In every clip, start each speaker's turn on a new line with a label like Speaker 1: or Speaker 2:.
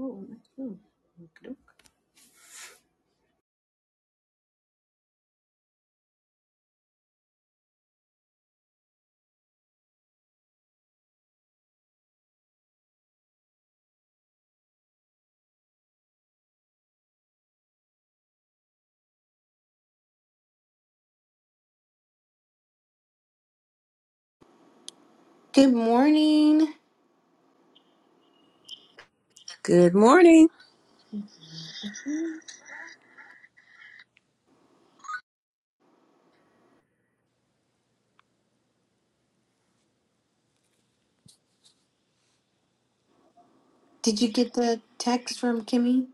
Speaker 1: Oh, that's cool. Good morning.
Speaker 2: Good morning.
Speaker 1: Did you get the text from Kimmy?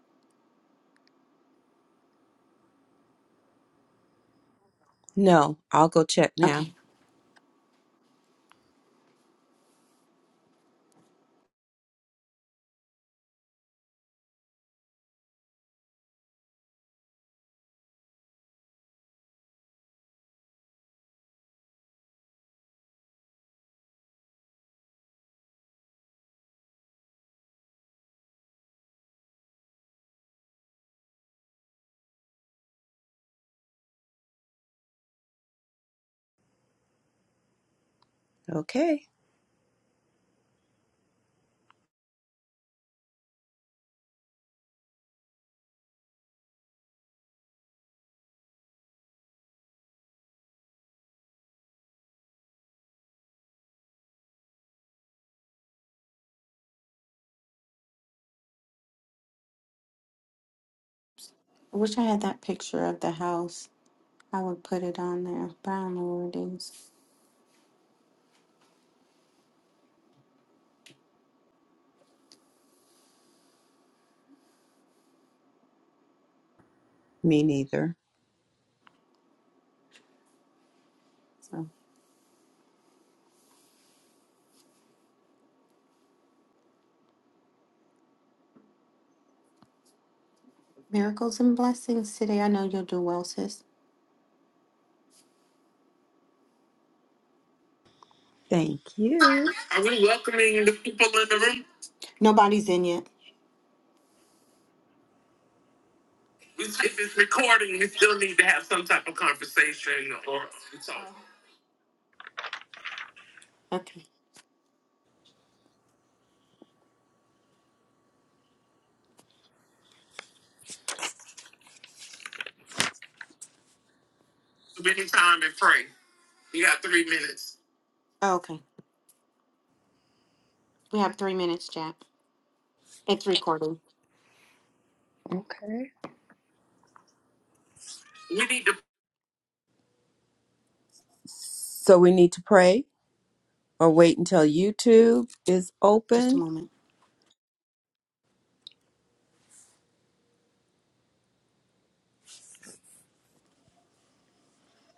Speaker 2: No, I'll go check now.
Speaker 1: Okay.
Speaker 2: Okay.
Speaker 1: I wish I had that picture of the house. I would put it on there. But I don't know where it is.
Speaker 2: Me neither.
Speaker 1: So miracles and blessings today. I know you'll do well, sis.
Speaker 2: Thank you.
Speaker 1: Are we welcoming the people in the room? Nobody's in yet. It's- If it's recording, we still need to have some type of conversation or talk. Okay. Give me time and pray. You got three minutes. Oh, okay. We have three minutes, Jack. It's recording.
Speaker 2: Okay.
Speaker 1: You need to.
Speaker 2: So we need to pray or wait until YouTube is
Speaker 1: Just a
Speaker 2: open.
Speaker 1: moment.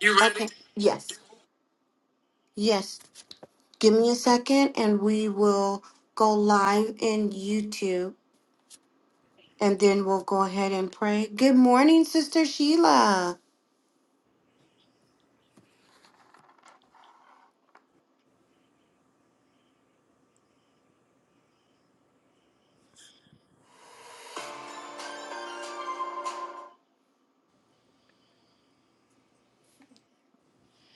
Speaker 1: You ready? Okay. Yes. Yes. Give me a second and we will go live in YouTube and then we'll go ahead and pray. Good morning, Sister Sheila.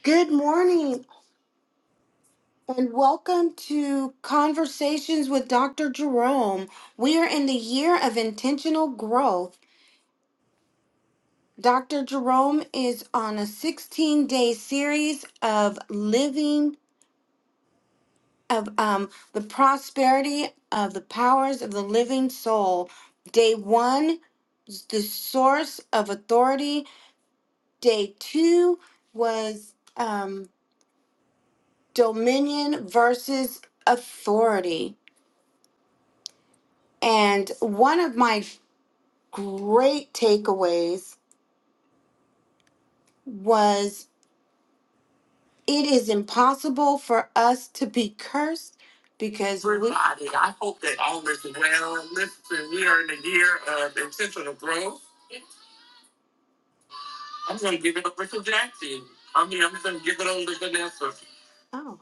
Speaker 1: Good morning and welcome to Conversations with Dr. Jerome. We are in the year of intentional growth. Dr. Jerome is on a 16 day series of living of um, the prosperity of the powers of the living soul. Day one, the source of authority. Day two was um, dominion versus authority. And one of my great takeaways was it is impossible for us to be cursed because we. Everybody, I hope that all is well. Listen, we are in a year of intentional growth I'm gonna give it over to Jackson. I mean, I'm gonna give it over to Vanessa. Oh,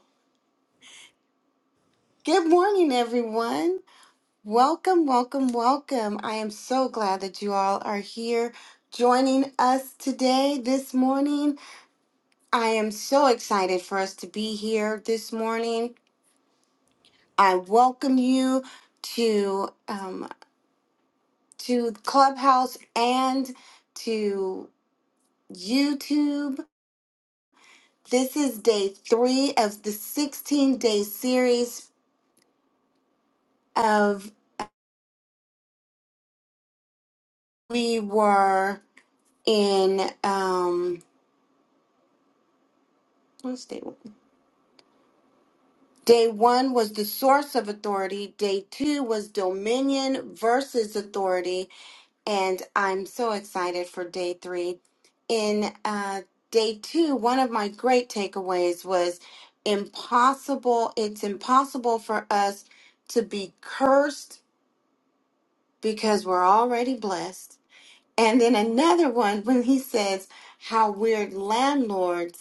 Speaker 1: good morning, everyone. Welcome, welcome, welcome. I am so glad that you all are here joining us today, this morning. I am so excited for us to be here this morning. I welcome you to um, to Clubhouse and to YouTube. This is day three of the 16 day series of we were in um what's day one? Day one was the source of authority. Day two was dominion versus authority, and I'm so excited for day three. In uh, day two, one of my great takeaways was impossible. It's impossible for us to be cursed because we're already blessed. And then another one when he says how we're landlords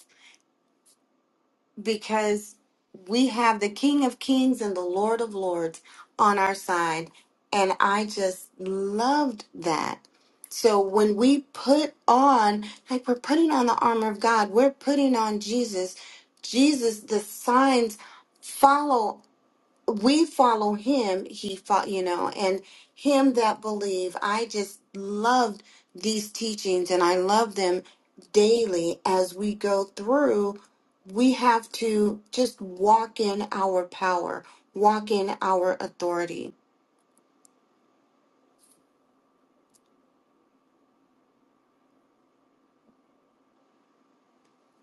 Speaker 1: because we have the King of Kings and the Lord of Lords on our side. And I just loved that. So when we put on, like we're putting on the armor of God, we're putting on Jesus. Jesus, the signs follow we follow him he fought you know and him that believe i just loved these teachings and i love them daily as we go through we have to just walk in our power walk in our authority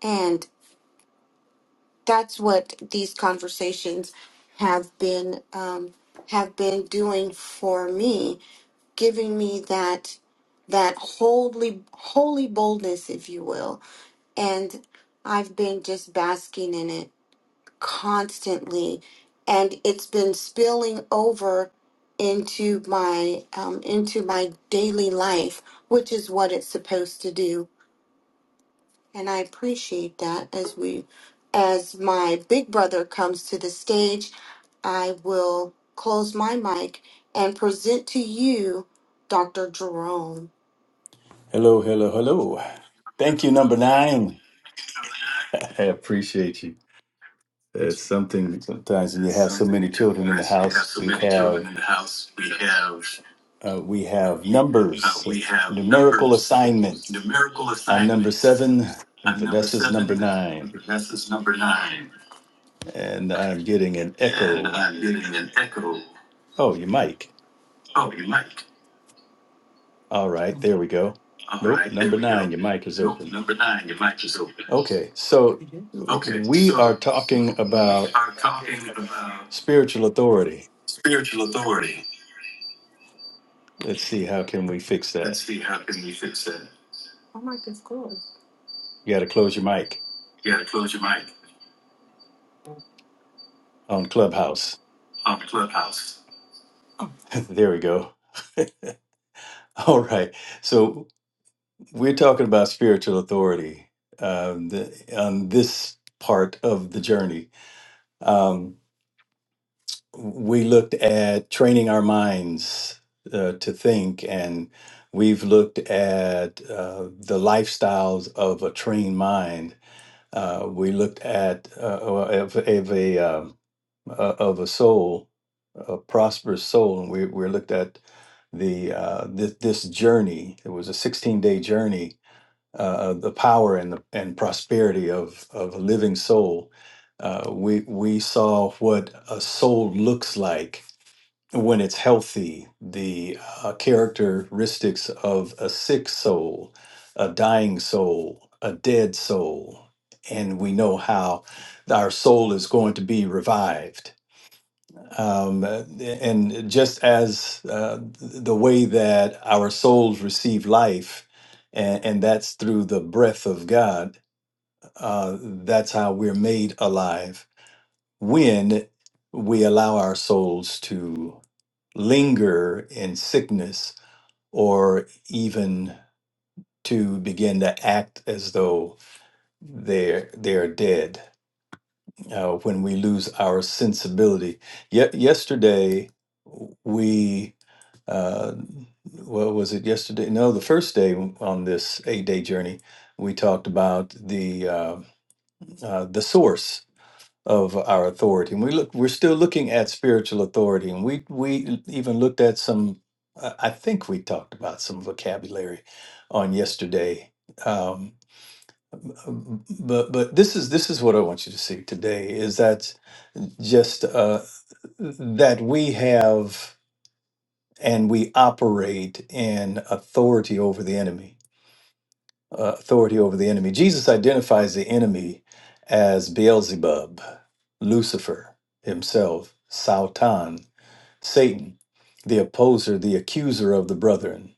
Speaker 1: and that's what these conversations have been um, have been doing for me giving me that that holy holy boldness if you will and I've been just basking in it constantly, and it's been spilling over into my um, into my daily life, which is what it's supposed to do. And I appreciate that as we as my big brother comes to the stage, I will close my mic and present to you Dr. Jerome.
Speaker 3: Hello, hello, hello. Thank you, number nine. I appreciate you. It's something sometimes when you
Speaker 1: It's
Speaker 3: have so
Speaker 1: something
Speaker 3: many children in the
Speaker 1: surprising. You have
Speaker 3: house,
Speaker 1: so
Speaker 3: we
Speaker 1: many children
Speaker 3: have
Speaker 1: in the house. We have
Speaker 3: uh, we have
Speaker 1: uh,
Speaker 3: numbers,
Speaker 1: we have
Speaker 3: numerical
Speaker 1: numbers,
Speaker 3: assignments.
Speaker 1: numerical
Speaker 3: I'm number
Speaker 1: assignments.
Speaker 3: seven. and
Speaker 1: I'm number
Speaker 3: Vanessa's number
Speaker 1: seven.
Speaker 3: nine,
Speaker 1: Vanessa's number nine,
Speaker 3: and I'm getting an
Speaker 1: and
Speaker 3: echo.
Speaker 1: I'm getting an echo.
Speaker 3: Oh, your mic.
Speaker 1: Oh, your mic.
Speaker 3: All right, there we go.
Speaker 1: All
Speaker 3: Nope,
Speaker 1: right, there
Speaker 3: number
Speaker 1: we go.
Speaker 3: nine. Your mic is
Speaker 1: Nope,
Speaker 3: open.
Speaker 1: number nine. Your mic is open.
Speaker 3: Okay, so
Speaker 1: Okay,
Speaker 3: we
Speaker 1: so
Speaker 3: are talking
Speaker 1: we
Speaker 3: about
Speaker 1: are talking about
Speaker 3: spiritual authority.
Speaker 1: spiritual authority.
Speaker 3: Let's see how can we fix that.
Speaker 1: Let's see how can we fix that.
Speaker 3: You got to close your mic
Speaker 1: You gotta close your mic
Speaker 3: on Clubhouse.
Speaker 1: on Clubhouse.
Speaker 3: there we go. All right. So we're talking about spiritual authority um, the, on this part of the journey. Um, we looked at training our minds uh, to think, and we've looked at uh, the lifestyles of a trained mind. Uh, we looked at uh, of, of a um, uh, of a soul, a prosperous soul, and we we looked at the uh, this, this journey. It was a 16 day journey uh, of the power and the, and prosperity of of a living soul. Uh, we we saw what a soul looks like when it's healthy, the uh, characteristics of a sick soul, a dying soul, a dead soul, and we know how our soul is going to be revived um, and just as uh, the way that our souls receive life, and, and that's through the breath of God, uh, that's how we're made alive when we allow our souls to linger in sickness or even to begin to act as though they're they're dead uh, when we lose our sensibility. Yet yesterday we uh, what was it yesterday? No, the first day on this eight day journey, we talked about the uh, uh, the source of our authority, and we look we're still looking at spiritual authority, and we we even looked at some. I I think we talked about some vocabulary on yesterday. Um, but but this is this is what I want you to see today is that just uh, that we have and we operate in authority over the enemy. Uh, authority over the enemy. Jesus identifies the enemy as Beelzebub, Lucifer himself, Sautan, Satan, the opposer, the accuser of the brethren.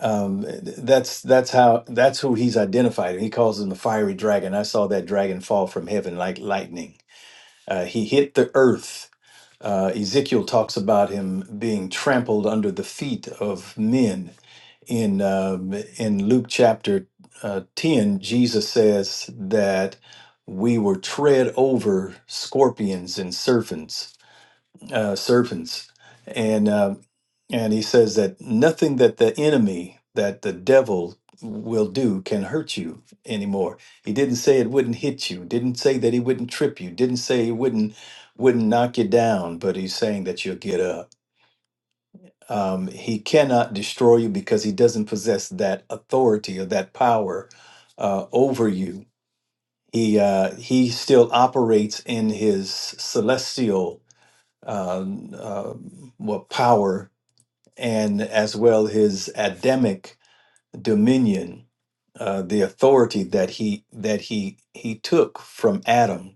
Speaker 3: Um, that's that's how that's who he's identified, and he calls him the fiery dragon. I saw that dragon fall from heaven like lightning. Uh, he hit the earth. Uh, Ezekiel talks about him being trampled under the feet of men in um, in Luke chapter uh, ten, Jesus says that we were tread over scorpions and serpents, uh, serpents, and um and he says that nothing that the enemy, that the devil will do can hurt you anymore. He didn't say it wouldn't hit you. Didn't say that he wouldn't trip you. Didn't say he wouldn't wouldn't knock you down. But he's saying that you'll get up um, he cannot destroy you because he doesn't possess that authority or that power uh, over you. He uh, he still operates in his celestial um, uh, well, power and as well his Adamic dominion, uh, the authority that he that he he took from Adam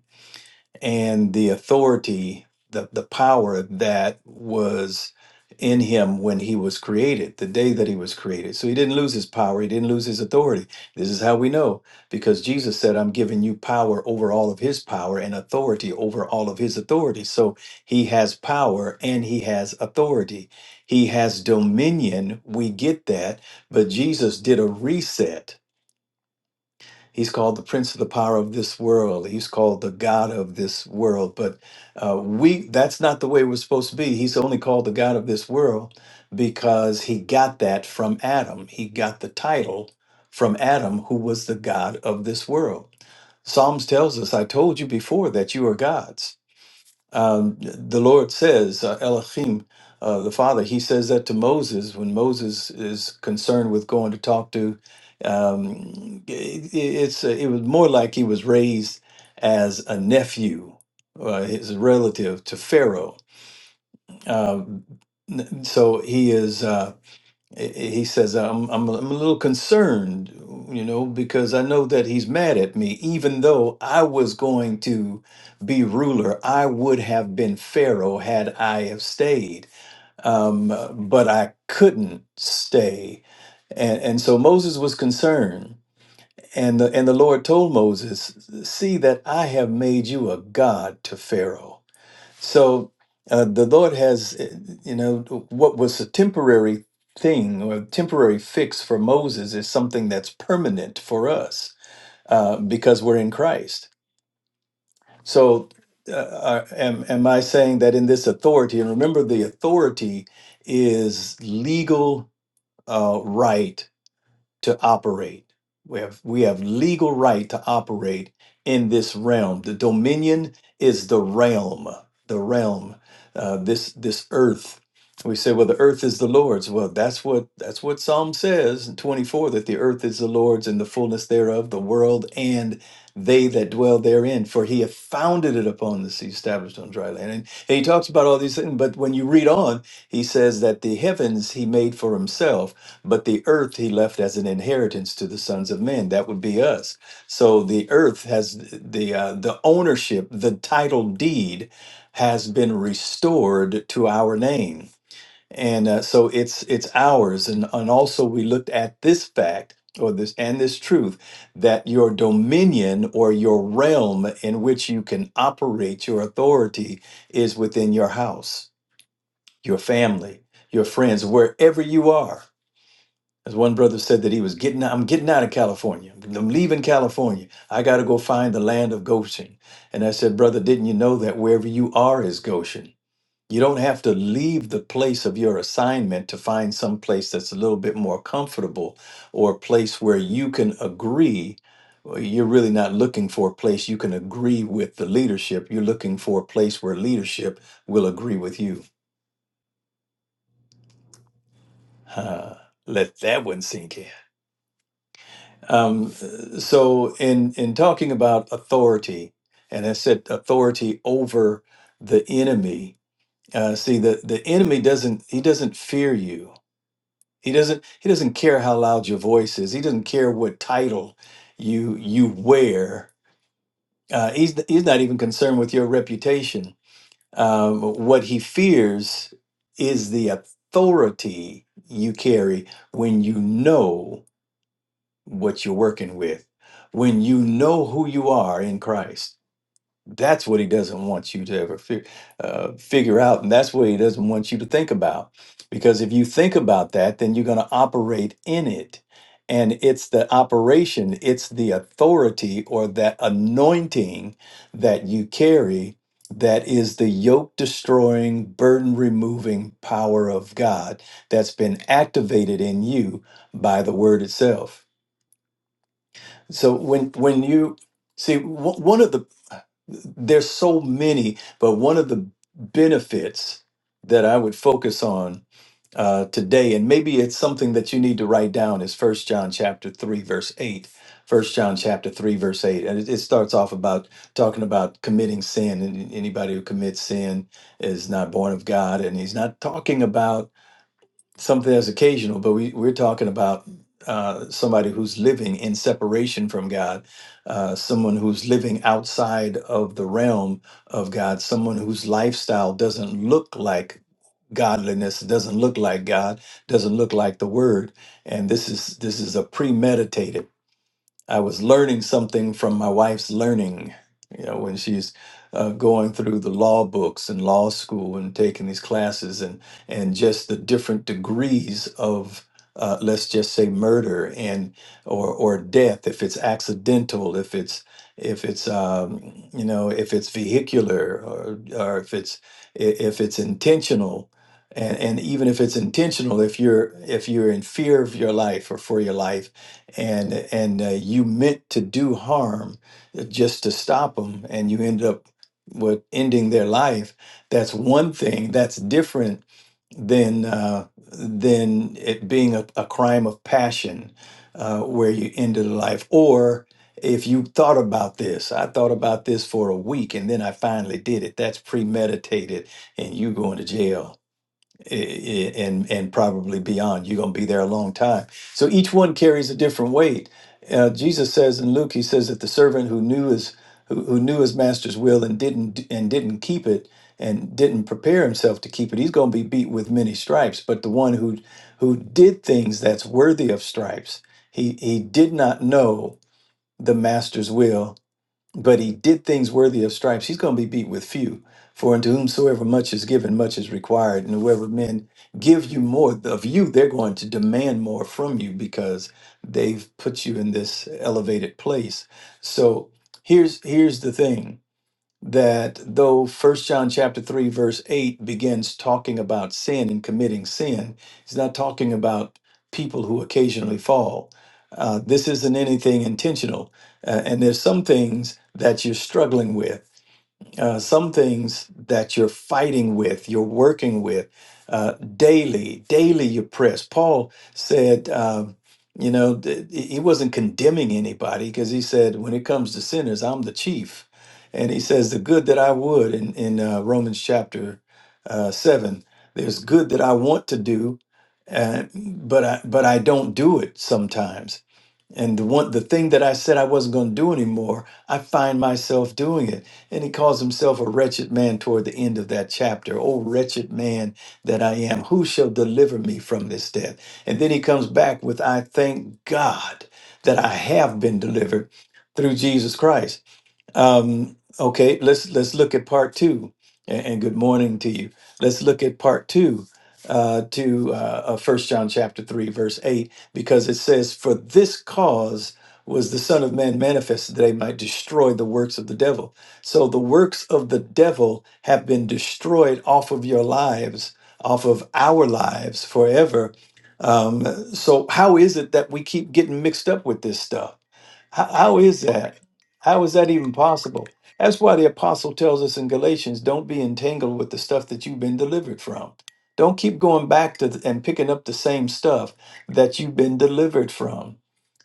Speaker 3: and the authority, the, the power that was in him when he was created, the day that he was created. So he didn't lose his power, he didn't lose his authority. This is how we know because Jesus said, I'm giving you power over all of his power and authority over all of his authority. So he has power and he has authority, he has dominion. We get that, but Jesus did a reset He's called the prince of the power of this world. He's called the god of this world. But uh, we—that's not the way we're supposed to be. He's only called the god of this world because he got that from Adam. He got the title from Adam, who was the god of this world. Psalms tells us, "I told you before that you are gods." Um, the Lord says, uh, Elohim, uh, the Father, he says that to Moses when Moses is concerned with going to talk to. Um, it, it's uh, it was more like he was raised as a nephew, uh, his relative to Pharaoh. Um, n- so he is. uh, I- I- He says, I'm, I'm, a- I'm a little concerned, you know, because I know that he's mad at me. Even though I was going to be ruler, I would have been Pharaoh had I have stayed. Um, uh, but I couldn't stay. And, and so Moses was concerned. And the, and the Lord told Moses, See that I have made you a God to Pharaoh so uh, the Lord has, uh, you know, what was a temporary thing or temporary fix for Moses is something that's permanent for us uh, because we're in Christ. So uh, are- am, am I saying that in this authority, and remember the authority is legal uh, right to operate. We have, we have legal right to operate in this realm. The dominion is the realm, the realm, uh, this this earth. We say, well, the earth is the Lord's. Well, that's what that's what Psalm says in 24 that the earth is the Lord's and the fullness thereof, the world and they that dwell therein, for he hath founded it upon the sea, established on dry land. And, and he talks about all these things, but when you read on, he says that the heavens he made for himself, but the earth he left as an inheritance to the sons of men. That would be us. So the earth has the uh, the ownership, the title deed has been restored to our name and uh, so it's it's ours and and also we looked at this fact or this and this truth that your dominion or your realm in which you can operate your authority is within your house your family your friends wherever you are as one brother said that he was getting out, i'm getting out of california i'm leaving california i got to go find the land of goshen and i said brother didn't you know that wherever you are is goshen you don't have to leave the place of your assignment to find some place that's a little bit more comfortable or a place where you can agree. Well, You're really not looking for a place you can agree with the leadership. You're looking for a place where leadership will agree with you. Huh. Let that one sink in. Um, so, in in talking about authority, and I said authority over the enemy. Uh, see, the the enemy doesn't he doesn't fear you He doesn't he doesn't care how loud your voice is. He doesn't care what title you you wear. Uh, he's he's not even concerned with your reputation. Um, what he fears is the authority you carry when you know what you're working with, when you know who you are in Christ. That's what he doesn't want you to ever fi- uh, figure out. And that's what he doesn't want you to think about. Because if you think about that, then you're going to operate in it. And it's the operation, it's the authority or that anointing that you carry that is the yoke destroying, burden removing power of God that's been activated in you by the word itself. So when when you see wh- one of the there's so many, but one of the benefits that I would focus on uh, today, and maybe it's something that you need to write down, is First John chapter three verse eight. First John chapter three verse eight, and it, it starts off about talking about committing sin, and anybody who commits sin is not born of God, and he's not talking about something that's occasional, but we, we're talking about uh, somebody who's living in separation from God, uh, someone who's living outside of the realm of God, someone whose lifestyle doesn't look like godliness, doesn't look like God, doesn't look like the Word, and this is this is a premeditated. I was learning something from my wife's learning, you know, when she's uh, going through the law books and law school and taking these classes and and just the different degrees of uh, let's just say murder and or or death if it's accidental if it's if it's um, you know if it's vehicular or or if it's i- if it's intentional and and even if it's intentional if you're if you're in fear of your life or for your life and and uh, you meant to do harm just to stop them and you end up with ending their life that's one thing that's different than uh, than it being a, a crime of passion uh, where you ended a life or if you thought about this i thought about this for a week and then i finally did it that's premeditated and you going to jail i- i- and and probably beyond. You're going to be there a long time. So each one carries a different weight. Uh, Jesus says in Luke, he says that the servant who knew his who, who knew his master's will and didn't and didn't keep it and didn't prepare himself to keep it, he's going to be beat with many stripes. But the one who who did things that's worthy of stripes, he he did not know the master's will but he did things worthy of stripes, he's going to be beat with few. For unto whomsoever much is given, much is required. And whoever men give you more of you, they're going to demand more from you because they've put you in this elevated place. So here's here's the thing that though first john chapter 3 verse 8 begins talking about sin and committing sin he's not talking about people who occasionally fall uh, this isn't anything intentional uh, and there's some things that you're struggling with uh, some things that you're fighting with, you're working with uh, daily, daily you press. Paul said, um, you know, th- he wasn't condemning anybody because he said, when it comes to sinners, I'm the chief. And he says, the good that I would in, in uh, Romans chapter uh, 7, there's good that I want to do, uh, but, I, but I don't do it sometimes. And the one the thing that I said I wasn't going to do anymore, I find myself doing it. And he calls himself a wretched man toward the end of that chapter. Oh wretched man that I am, who shall deliver me from this death? And then he comes back with I thank God that I have been delivered through Jesus Christ. Um, okay, let's let's look at part two. And, and good morning to you. Let's look at part two uh, to uh, First John chapter three, verse eight, because it says, "For this cause was the Son of Man manifested that he might destroy the works of the devil." So the works of the devil have been destroyed off of your lives. Off of our lives forever. Um, so, how is it that we keep getting mixed up with this stuff? How, how is that? How is that even possible? That's why the apostle tells us in Galatians don't be entangled with the stuff that you've been delivered from. Don't keep going back to the, and picking up the same stuff that you've been delivered from.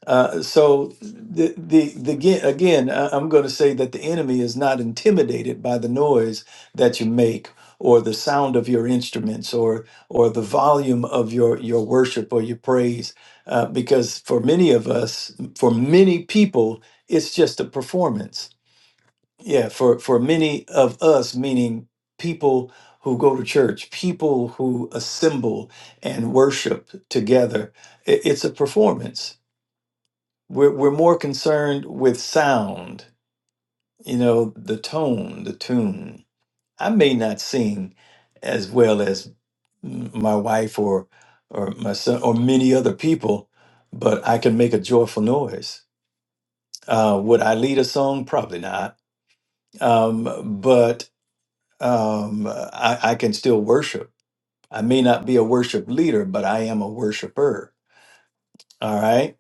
Speaker 3: Uh, so the, the the again, again I- I'm going to say that the enemy is not intimidated by the noise that you make or the sound of your instruments or or the volume of your your worship or your praise uh, because for many of us for many people it's just a performance yeah for for many of us meaning people who go to church people who assemble and worship together i- it's a performance we're we're more concerned with sound, you know, the tone, the tune. I may not sing as well as m- my wife or or my son or many other people, but I can make a joyful noise. Uh, would I lead a song? Probably not. Um, but um, I, I can still worship. I may not be a worship leader, but I am a worshiper. All right.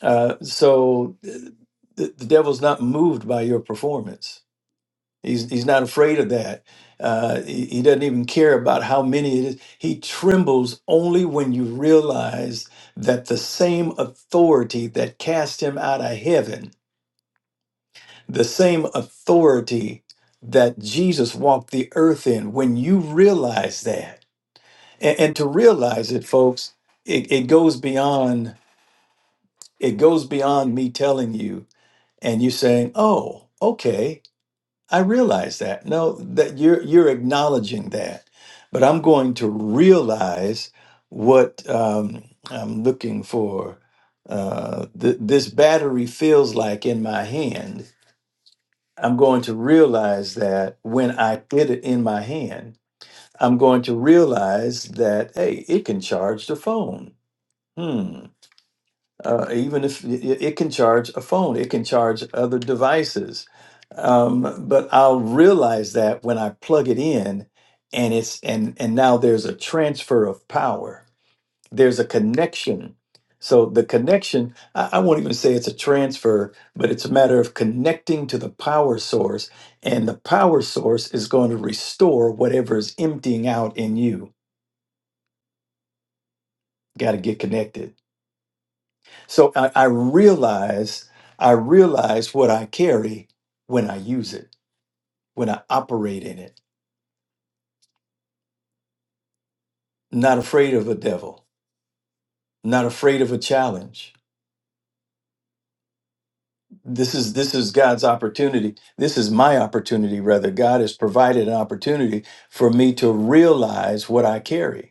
Speaker 3: Uh, so th- the, the devil's not moved by your performance. He's he's not afraid of that. Uh, he, he doesn't even care about how many it is. He trembles only when you realize that the same authority that cast him out of heaven, the same authority that Jesus walked the earth in, when you realize that, and, and to realize it, folks, it, it goes beyond it goes beyond me telling you and you saying, "Oh, okay." I realize that. No, that you're you're acknowledging that, but I'm going to realize what um, I'm looking for. Uh, th- this battery feels like in my hand. I'm going to realize that when I get it in my hand, I'm going to realize that hey, it can charge the phone. Hmm uh, even if it, it can charge a phone, it can charge other devices. Um, but I'll realize that when I plug it in, and it's and and now there's a transfer of power. There's a connection. So the connection, I, I won't even say it's a transfer, but it's a matter of connecting to the power source, and the power source is going to restore whatever is emptying out in you. Got to get connected. So I, I realize, I realize what I carry when I use it, when I operate in it. Not afraid of a devil, not afraid of a challenge. This is this is God's opportunity. This is my opportunity, rather. God has provided an opportunity for me to realize what I carry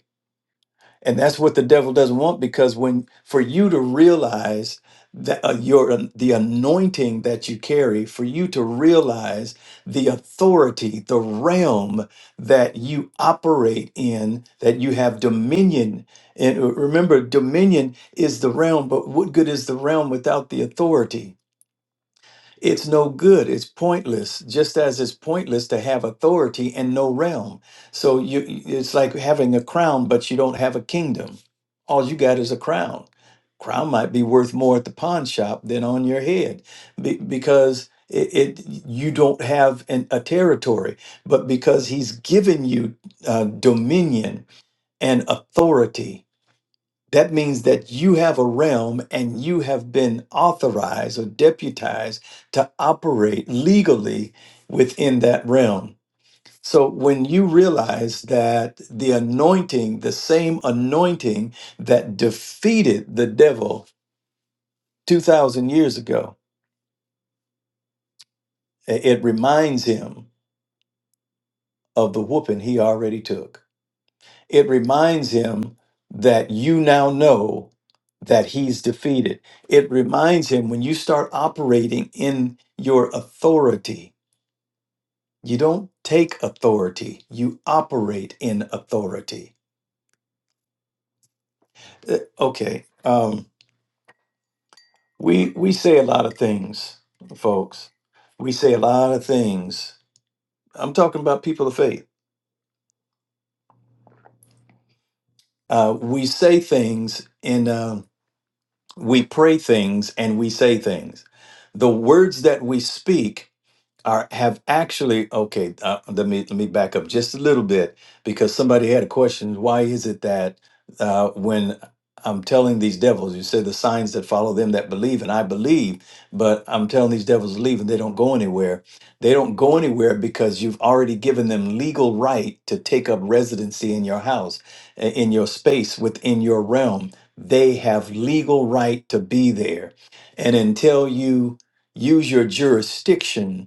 Speaker 3: and that's what the devil doesn't want because when for you to realize that uh, your uh, the anointing that you carry for you to realize the authority the realm that you operate in that you have dominion and remember dominion is the realm but what good is the realm without the authority it's no good. It's pointless. Just as it's pointless to have authority and no realm. So you, it's like having a crown, but you don't have a kingdom. All you got is a crown. Crown might be worth more at the pawn shop than on your head, be, because it, it you don't have an, a territory. But because He's given you uh, dominion and authority, that means that you have a realm and you have been authorized or deputized to operate legally within that realm. So when you realize that the anointing, the same anointing that defeated the devil 2,000 years ago, i- it reminds him of the whooping he already took. it reminds him that you now know that he's defeated. It reminds him when you start operating in your authority, you don't take authority, you operate in authority. Uh, Okay, um, we, we say a lot of things, folks. We say a lot of things. I'm talking about people of faith. Uh, we say things and uh, we pray things and we say things. The words that we speak are have actually okay uh, let me let me back up just a little bit because somebody had a question why is it that uh, when i'm telling these devils you say the signs that follow them that believe and i believe but i'm telling these devils to leave and they don't go anywhere they don't go anywhere because you've already given them legal right to take up residency in your house i- in your space within your realm they have legal right to be there and until you use your jurisdiction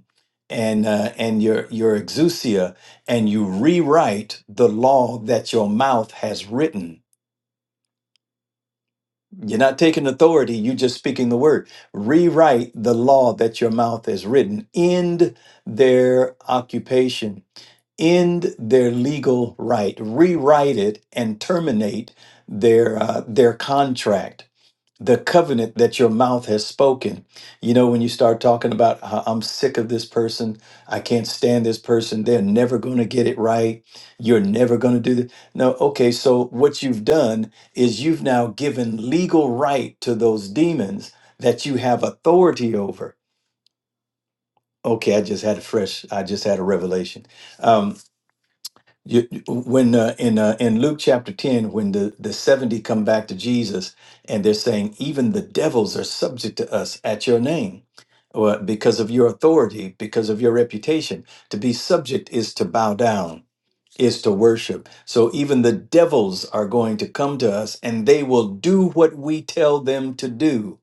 Speaker 3: and uh, and your your exousia and you rewrite the law that your mouth has written you're not taking authority you're just speaking the word rewrite the law that your mouth has written end their occupation end their legal right rewrite it and terminate their uh, their contract the covenant that your mouth has spoken. You know, when you start talking about, "I- I'm sick of this person, I can't stand this person, they're never going to get it right, you're never going to do this. No, okay, so what you've done is you've now given legal right to those demons that you have authority over. Okay, I just had a fresh, I just had a revelation. Um, you, you- when uh, in uh, in Luke chapter ten, when the the seventy come back to Jesus and they're saying, even the devils are subject to us at your name, well, because of your authority, because of your reputation. To be subject is to bow down, is to worship. So even the devils are going to come to us, and they will do what we tell them to do.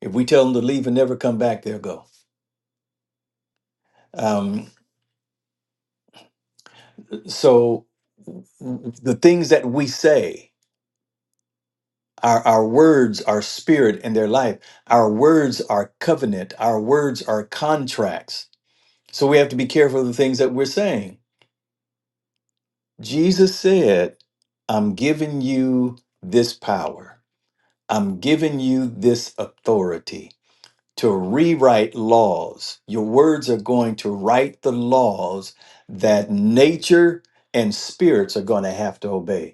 Speaker 3: If we tell them to leave and never come back, they'll go. Um, so w- w- the things that we say. Our, our words are spirit and their life. Our words are covenant. Our words are contracts. So we have to be careful of the things that we're saying. Jesus said, I'm giving you this power, I'm giving you this authority to rewrite laws. Your words are going to write the laws that nature and spirits are going to have to obey.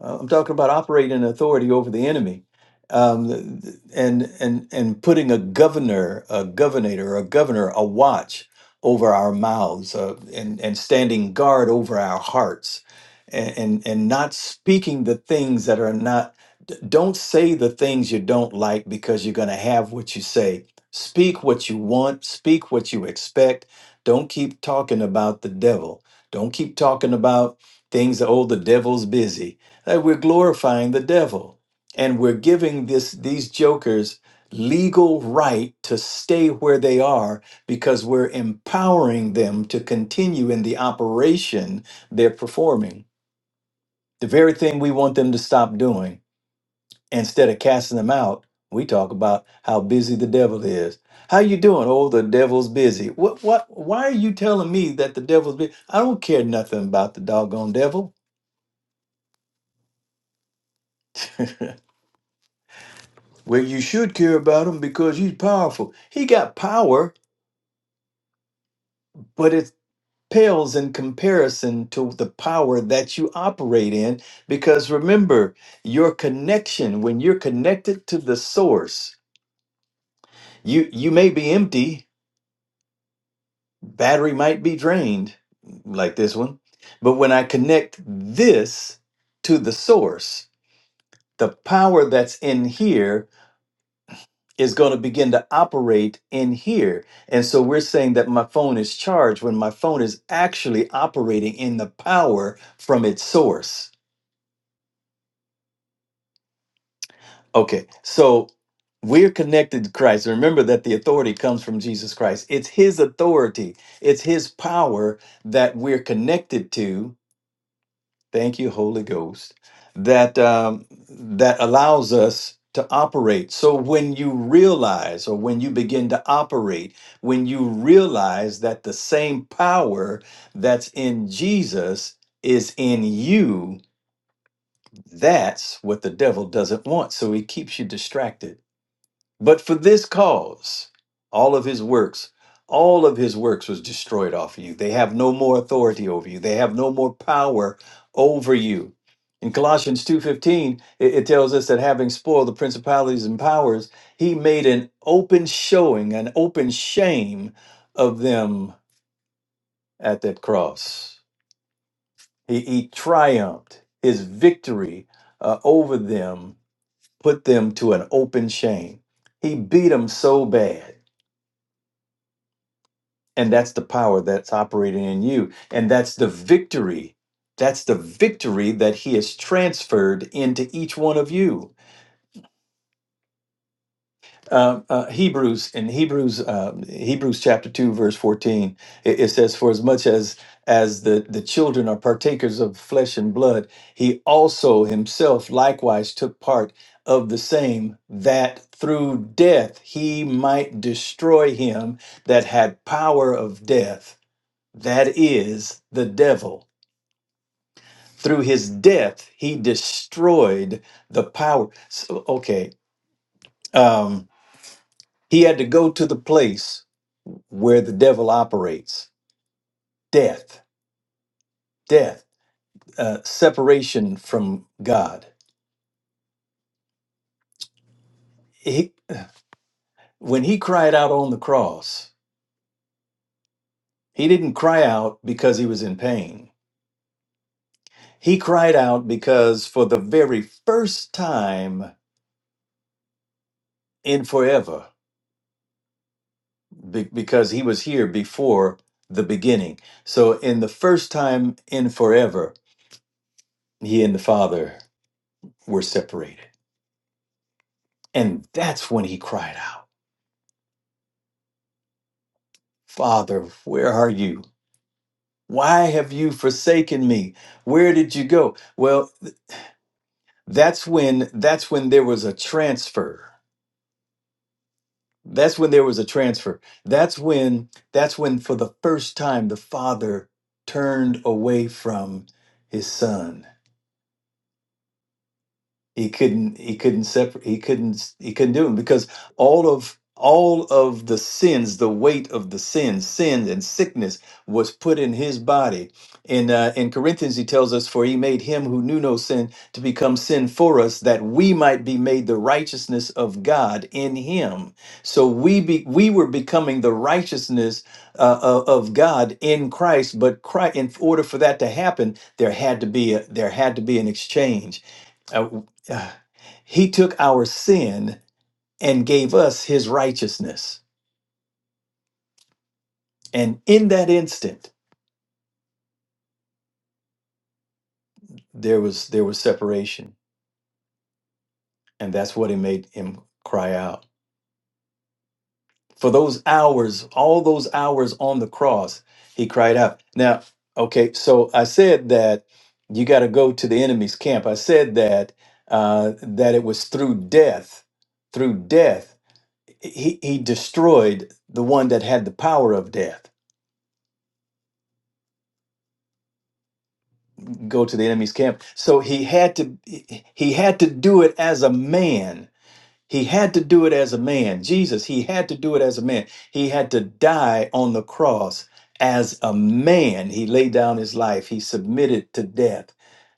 Speaker 3: Uh, I'm talking about operating authority over the enemy, um, th- th- and and and putting a governor, a governor, a governor, a watch over our mouths, uh, and and standing guard over our hearts, and, and and not speaking the things that are not. d- Don't say the things you don't like because you're going to have what you say. Speak what you want. Speak what you expect. Don't keep talking about the devil. Don't keep talking about things. Oh, the devil's busy Hey, we're glorifying the devil and we're giving this these jokers legal right to stay where they are because we're empowering them to continue in the operation they're performing. The very thing we want them to stop doing. Instead of casting them out, we talk about how busy the devil is. How you doing? Oh, the devil's busy. What what why are you telling me that the devil's busy? I don't care nothing about the doggone devil. Well, you should care about him because he's powerful. He got power, but it pales in comparison to the power that you operate in. Because remember, your connection, when you're connected to the source, you, you may be empty, battery might be drained, like this one. But when I connect this to the source, the power that's in here is going to begin to operate in here. And so we're saying that my phone is charged when my phone is actually operating in the power from its source. Okay, so we're connected to Christ. Remember that the authority comes from Jesus Christ, it's His authority, it's His power that we're connected to Thank you, Holy Ghost, that um, that allows us to operate. So when you realize, or when you begin to operate, when you realize that the same power that's in Jesus is in you, that's what the devil doesn't want. So he keeps you distracted but for this cause, all of his works, all of his works was destroyed off of you. They have no more authority over you. They have no more power over you. In Colossians 2:15, it, it tells us that having spoiled the principalities and powers, he made an open showing, an open shame of them at that cross. He, he triumphed. His victory uh, over them put them to an open shame. He beat them so bad And that's the power that's operating in you. And that's the victory. That's the victory that he has transferred into each one of you. Uh, uh, Hebrews in Hebrews um, Hebrews chapter two verse fourteen it, it says for as much as as the the children are partakers of flesh and blood he also himself likewise took part of the same that through death he might destroy him that had power of death That is the devil. Through his death, he destroyed the power. So, okay, um, he had to go to the place where the devil operates death, death, uh, separation from God. He, when he cried out on the cross, he didn't cry out because he was in pain. He cried out because for the very first time in forever, be- because he was here before the beginning. So, in the first time in forever, he and the Father were separated. And that's when he cried out, Father, where are you? Why have you forsaken me? Where did you go? Well, that's when that's when there was a transfer. That's when there was a transfer. That's when that's when for the first time the father turned away from his son he couldn't he couldn't separate he couldn't he couldn't do them because all of all of the sins the weight of the sins sin and sickness was put in his body in uh, in corinthians he tells us for he made him who knew no sin to become sin for us that we might be made the righteousness of god in him so we be we were becoming the righteousness uh, of of god in christ but christ, in order for that to happen there had to be a, there had to be an exchange Uh, uh, he took our sin and gave us his righteousness and in that instant there was there was separation and that's what it made him cry out for those hours all those hours on the cross he cried out now okay so i said that you got to go to the enemy's camp i said that uh, that it was through death through death he, he destroyed the one that had the power of death go to the enemy's camp. So he had to he had to do it as a man. He had to do it as a man. Jesus, he had to do it as a man. He had to die on the cross as a man. He laid down his life. He submitted to death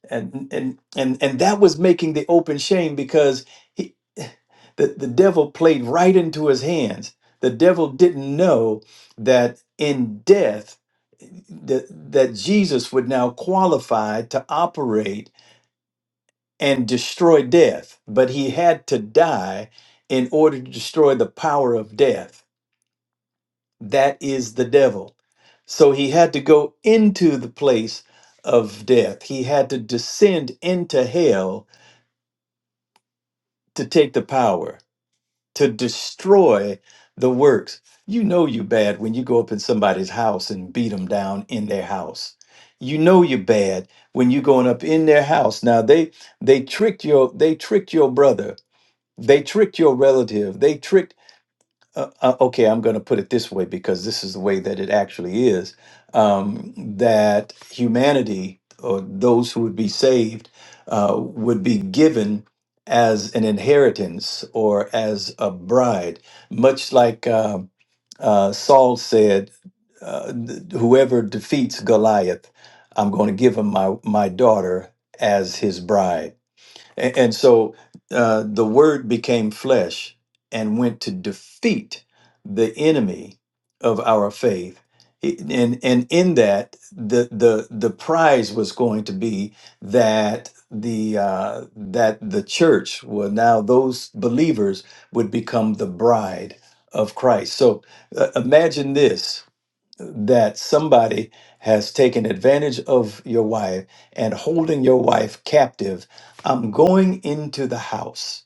Speaker 3: and and and and that was making the open shame because he the, the devil played right into his hands the devil didn't know that in death that, that jesus would now qualify to operate and destroy death but he had to die in order to destroy the power of death that is the devil so he had to go into the place of death he had to descend into hell to take the power, to destroy the works. You know you bad when you go up in somebody's house and beat them down in their house. You know you bad when you going up in their house. Now they they tricked your they tricked your brother. They tricked your relative. They tricked uh, uh, okay, I'm going to put it this way because this is the way that it actually is um, that humanity or those who would be saved uh, would be given as an inheritance or as a bride, much like um, uh, Saul said, uh, th- "Whoever defeats Goliath, I'm going to give him my my daughter as his bride." A- And so uh, the word became flesh and went to defeat the enemy of our faith. I- And, and in that, the, the, the prize was going to be that the, uh, that the church will now, those believers would become the bride of Christ. So uh, imagine this that somebody has taken advantage of your wife and holding your wife captive, I'm going into the house.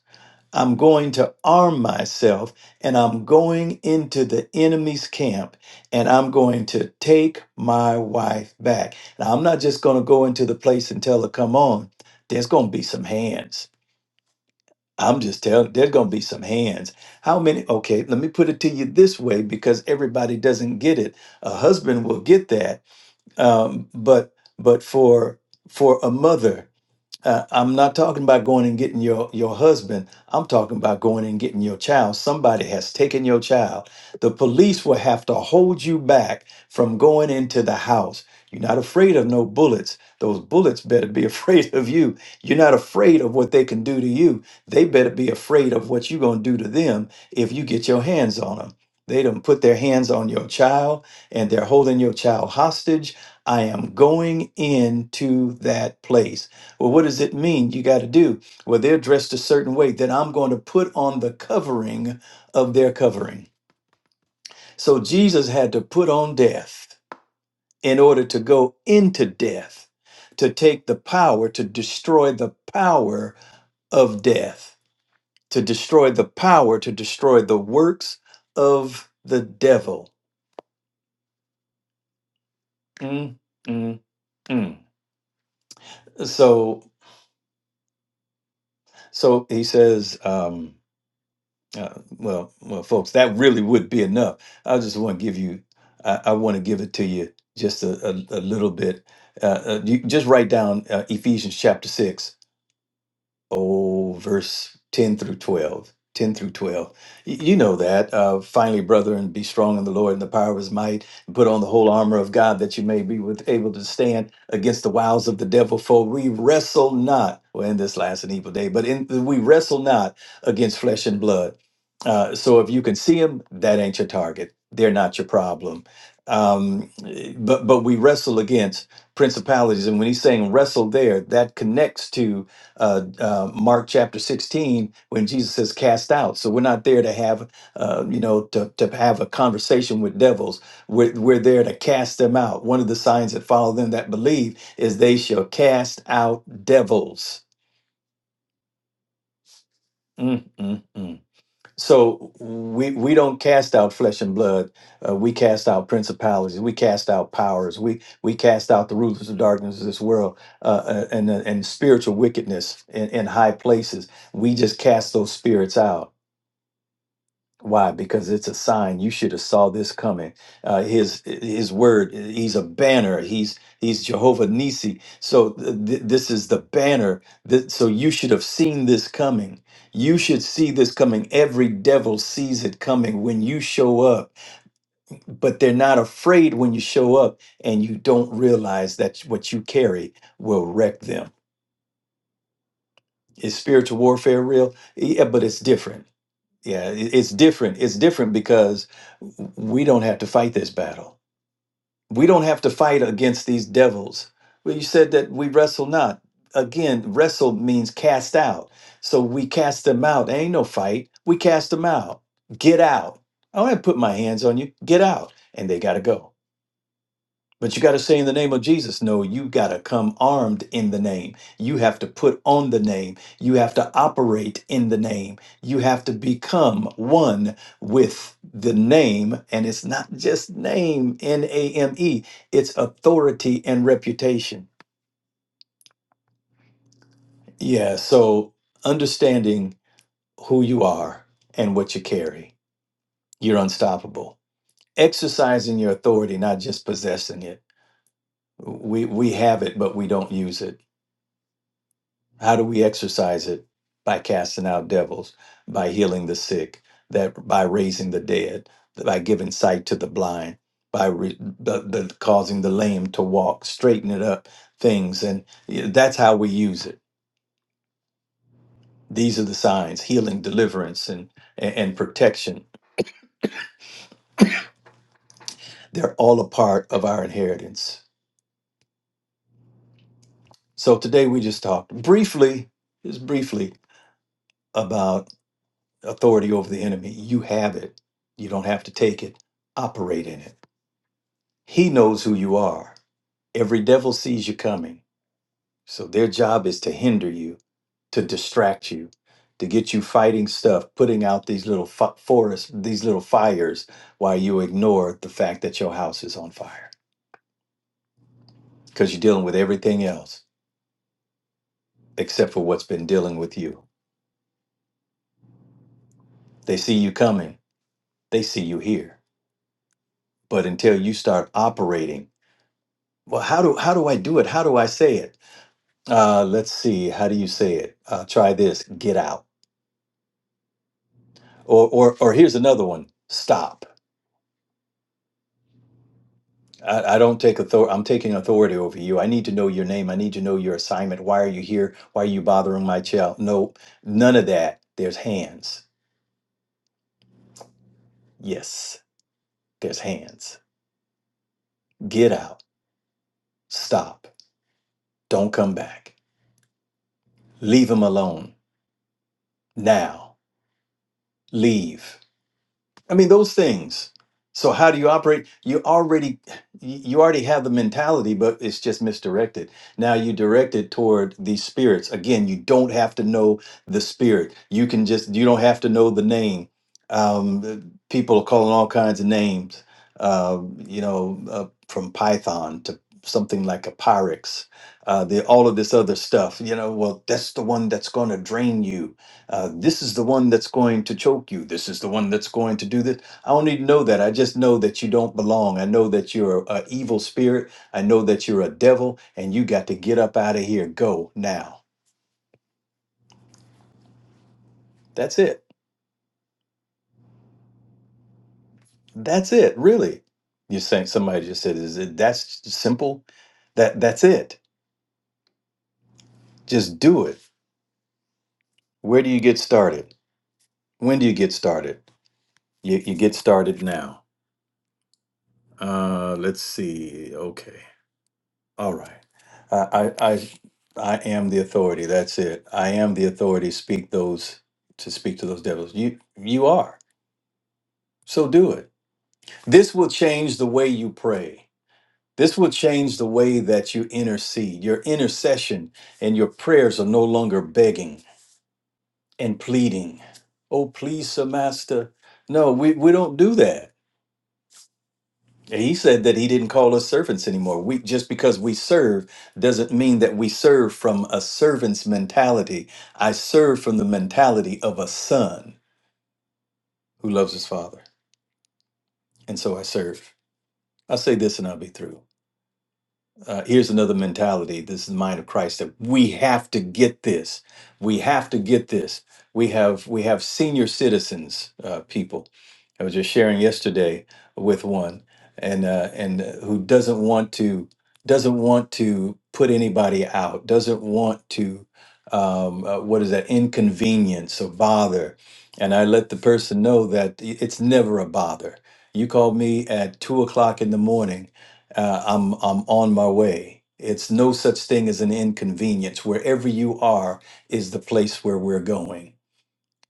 Speaker 3: I'm going to arm myself and I'm going into the enemy's camp and I'm going to take my wife back. Now, I'm not just going to go into the place and tell her, come on, there's going to be some hands. I'm just telling, there's going to be some hands. How many? Okay, let me put it to you this way because everybody doesn't get it. A husband will get that um, but but for for a mother uh, I'm not talking about going and getting your, your husband. I'm talking about going and getting your child. Somebody has taken your child. The police will have to hold you back from going into the house. You're not afraid of no bullets. Those bullets better be afraid of you. You're not afraid of what they can do to you. They better be afraid of what you're going to do to them if you get your hands on them. They done put their hands on your child and they're holding your child hostage. I am going into that place. Well, what does it mean you got to do? Well, they're dressed a certain way that I'm going to put on the covering of their covering. So Jesus had to put on death in order to go into death, to take the power, to destroy the power of death, to destroy the power, to destroy the works of the devil. Mm, mm, mm. So, so he says. Um, Uh, well, well, folks, that really would be enough. I just want to give you, I, I want to give it to you just a, a, a little bit. Uh, uh, you just write down uh, Ephesians chapter 6 oh, verse 10 through 12. 10 through 12. Y- You know that. Uh, Finally, brethren, be strong in the Lord and the power of his might, put on the whole armor of God that you may be with, able to stand against the wiles of the devil. For we wrestle not, well, in this last and evil day, but in, we wrestle not against flesh and blood. Uh, so if you can see them, that ain't your target. They're not your problem. Um, but but we wrestle against principalities, and when he's saying wrestle there, that connects to uh, uh, Mark chapter 16 when Jesus says cast out. So we're not there to have, uh, you know, to, to have a conversation with devils. We're, we're there to cast them out. One of the signs that follow them that believe is they shall cast out devils. Mm, mm, mm. So we we don't cast out flesh and blood. Uh, we cast out principalities. We cast out powers. We we cast out the rulers of darkness of this world uh, uh, and uh, and spiritual wickedness in, in high places. We just cast those spirits out. Why? Because it's a sign. You should have saw this coming. Uh, his His word. He's a banner. He's He's Jehovah Nisi. So th- th- this is the banner. Th- so you should have seen this coming. You should see this coming. Every devil sees it coming when you show up, but they're not afraid when you show up and you don't realize that what you carry will wreck them. Is spiritual warfare real? Yeah, but it's different. Yeah, i- it's different. It's different because we don't have to fight this battle. We don't have to fight against these devils. Well, you said that we wrestle not. Again, wrestle means cast out. So we cast them out. ain't no fight. We cast them out. Get out. I don't have to put my hands on you. Get out. And they got to go. But you got to say in the name of Jesus. No, you got to come armed in the name. You have to put on the name. You have to operate in the name. You have to become one with the name. And it's not just name, N A M E, it's authority and reputation. Yeah. So understanding who you are and what you carry, you're unstoppable. Exercising your authority, not just possessing it. We, we have it, but we don't use it How do we exercise it? By casting out devils, by healing the sick, that by raising the dead, by giving sight to the blind, by re, the, the, causing the lame to walk, straightening up things, and yeah, that's how we use it. These are the signs: healing, deliverance, and and, and protection. They're all a part of our inheritance. So today we just talked briefly, just briefly about authority over the enemy. You have it. You don't have to take it. Operate in it He knows who you are. Every devil sees you coming. So their job is to hinder you, to distract you, to get you fighting stuff, putting out these little fi- forests, these little fires, while you ignore the fact that your house is on fire because you're dealing with everything else except for what's been dealing with you. They see you coming, they see you here. But until you start operating, well, how do how do I do it? How do I say it? Uh, let's see. How do you say it? Uh, try this. Get out Or, or, or here's another one. Stop. I, I don't take authority. I'm taking authority over you. I need to know your name. I need to know your assignment. Why are you here? Why are you bothering my child? No, none of that. There's hands. Yes, there's hands. Get out. Stop. Don't come back. Leave him alone now. Leave. I mean, those things. So how do you operate? You already you already have the mentality, but it's just misdirected. Now you direct it toward these spirits. Again, you don't have to know the spirit. You can just you don't have to know the name. Um, the- people are calling all kinds of names. Uh, you know, uh, from Python to something like a Pyrex. Uh, the all of this other stuff. You know, well, that's the one that's going to drain you uh, this is the one that's going to choke you. This is the one that's going to do this. I don't need to know that. I just know that you don't belong. I know that you're an evil spirit. I know that you're a devil, and you got to get up out of here. Go now. That's it. That's it. Really, you're saying somebody just said, "Is it that's simple? That that's it. Just do it." Where do you get started? When do you get started? You you get started now. Uh, let's see. Okay. All right. I, I, I I am the authority. That's it. I am the authority. Speak those to speak to those devils. You, you are. So do it. This will change the way you pray. This will change the way that you intercede. Your intercession and your prayers are no longer begging and pleading. Oh, please, sir, master. No, we, we don't do that. And He said that he didn't call us servants anymore. We just because we serve doesn't mean that we serve from a servant's mentality. I serve from the mentality of a son who loves his father. And so I serve. I'll say this and I'll be through. uh, here's another mentality. This is the mind of Christ that we have to get this. We have to get this. We have we have senior citizens, uh, people. I was just sharing yesterday with one, and uh, and uh, who doesn't want to doesn't want to put anybody out. Doesn't want to um, uh, what is that inconvenience or bother. And I let the person know that i- it's never a bother. You call me at two o'clock in the morning uh, I'm I'm on my way. It's no such thing as an inconvenience. Wherever you are is the place where we're going.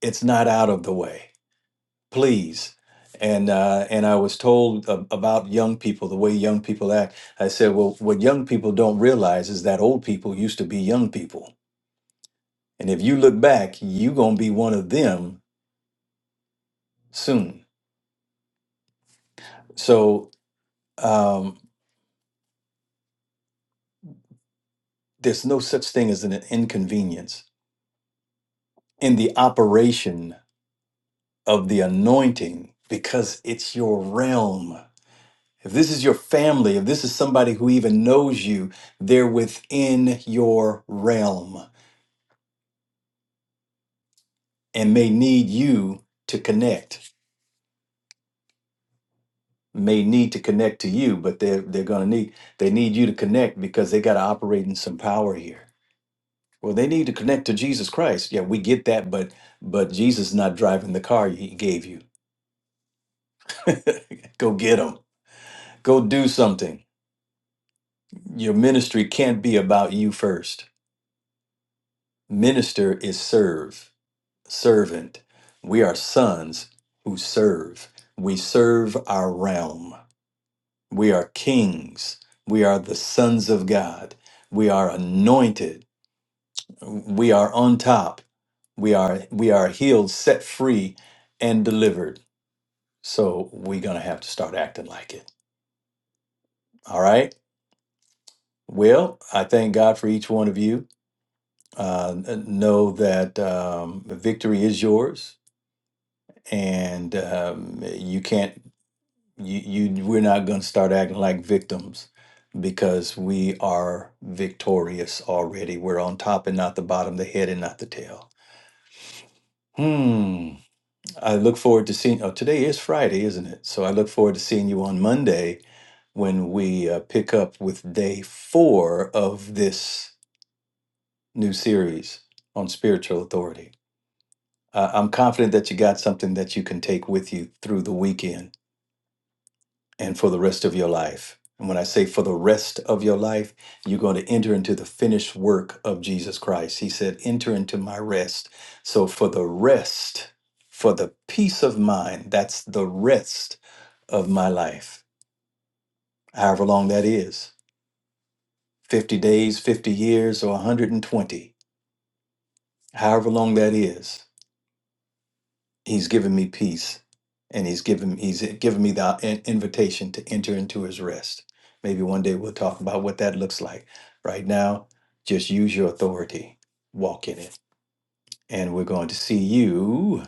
Speaker 3: It's not out of the way. Please. And uh, and I was told a- about young people, the way young people act. I said, well, what young people don't realize is that old people used to be young people, and if you look back, you're gonna be one of them soon. So um, there's no such thing as an inconvenience in the operation of the anointing because it's your realm. If this is your family, if this is somebody who even knows you, they're within your realm and may need you to connect. May need to connect to you, but they're they're gonna need they need you to connect because they gotta operate in some power here. Well, they need to connect to Jesus Christ. Yeah, we get that, but but Jesus is not driving the car he gave you. Go get him. Go do something. Your ministry can't be about you first. Minister is serve, servant. We are sons who serve. We serve our realm. We are kings. We are the sons of God. We are anointed. We are on top. We are we are healed, set free, and delivered. So we're gonna have to start acting like it. All right. Well, I thank God for each one of you. Uh, know that um, victory is yours and um, you can't you, you we're not going to start acting like victims because we are victorious already we're on top and not the bottom the head and not the tail hmm i look forward to seeing oh today is friday isn't it so i look forward to seeing you on monday when we uh, pick up with day four of this new series on spiritual authority uh, i'm confident that you got something that you can take with you through the weekend and for the rest of your life. And when I say for the rest of your life, you're going to enter into the finished work of Jesus Christ. He said, Enter into my rest. So for the rest, for the peace of mind, that's the rest of my life, however long that is 50 days, 50 years, or 120, however long that is. He's given me peace, and he's given he's given me the in- invitation to enter into his rest. Maybe one day we'll talk about what that looks like. Right now, just use your authority, walk in it, and we're going to see you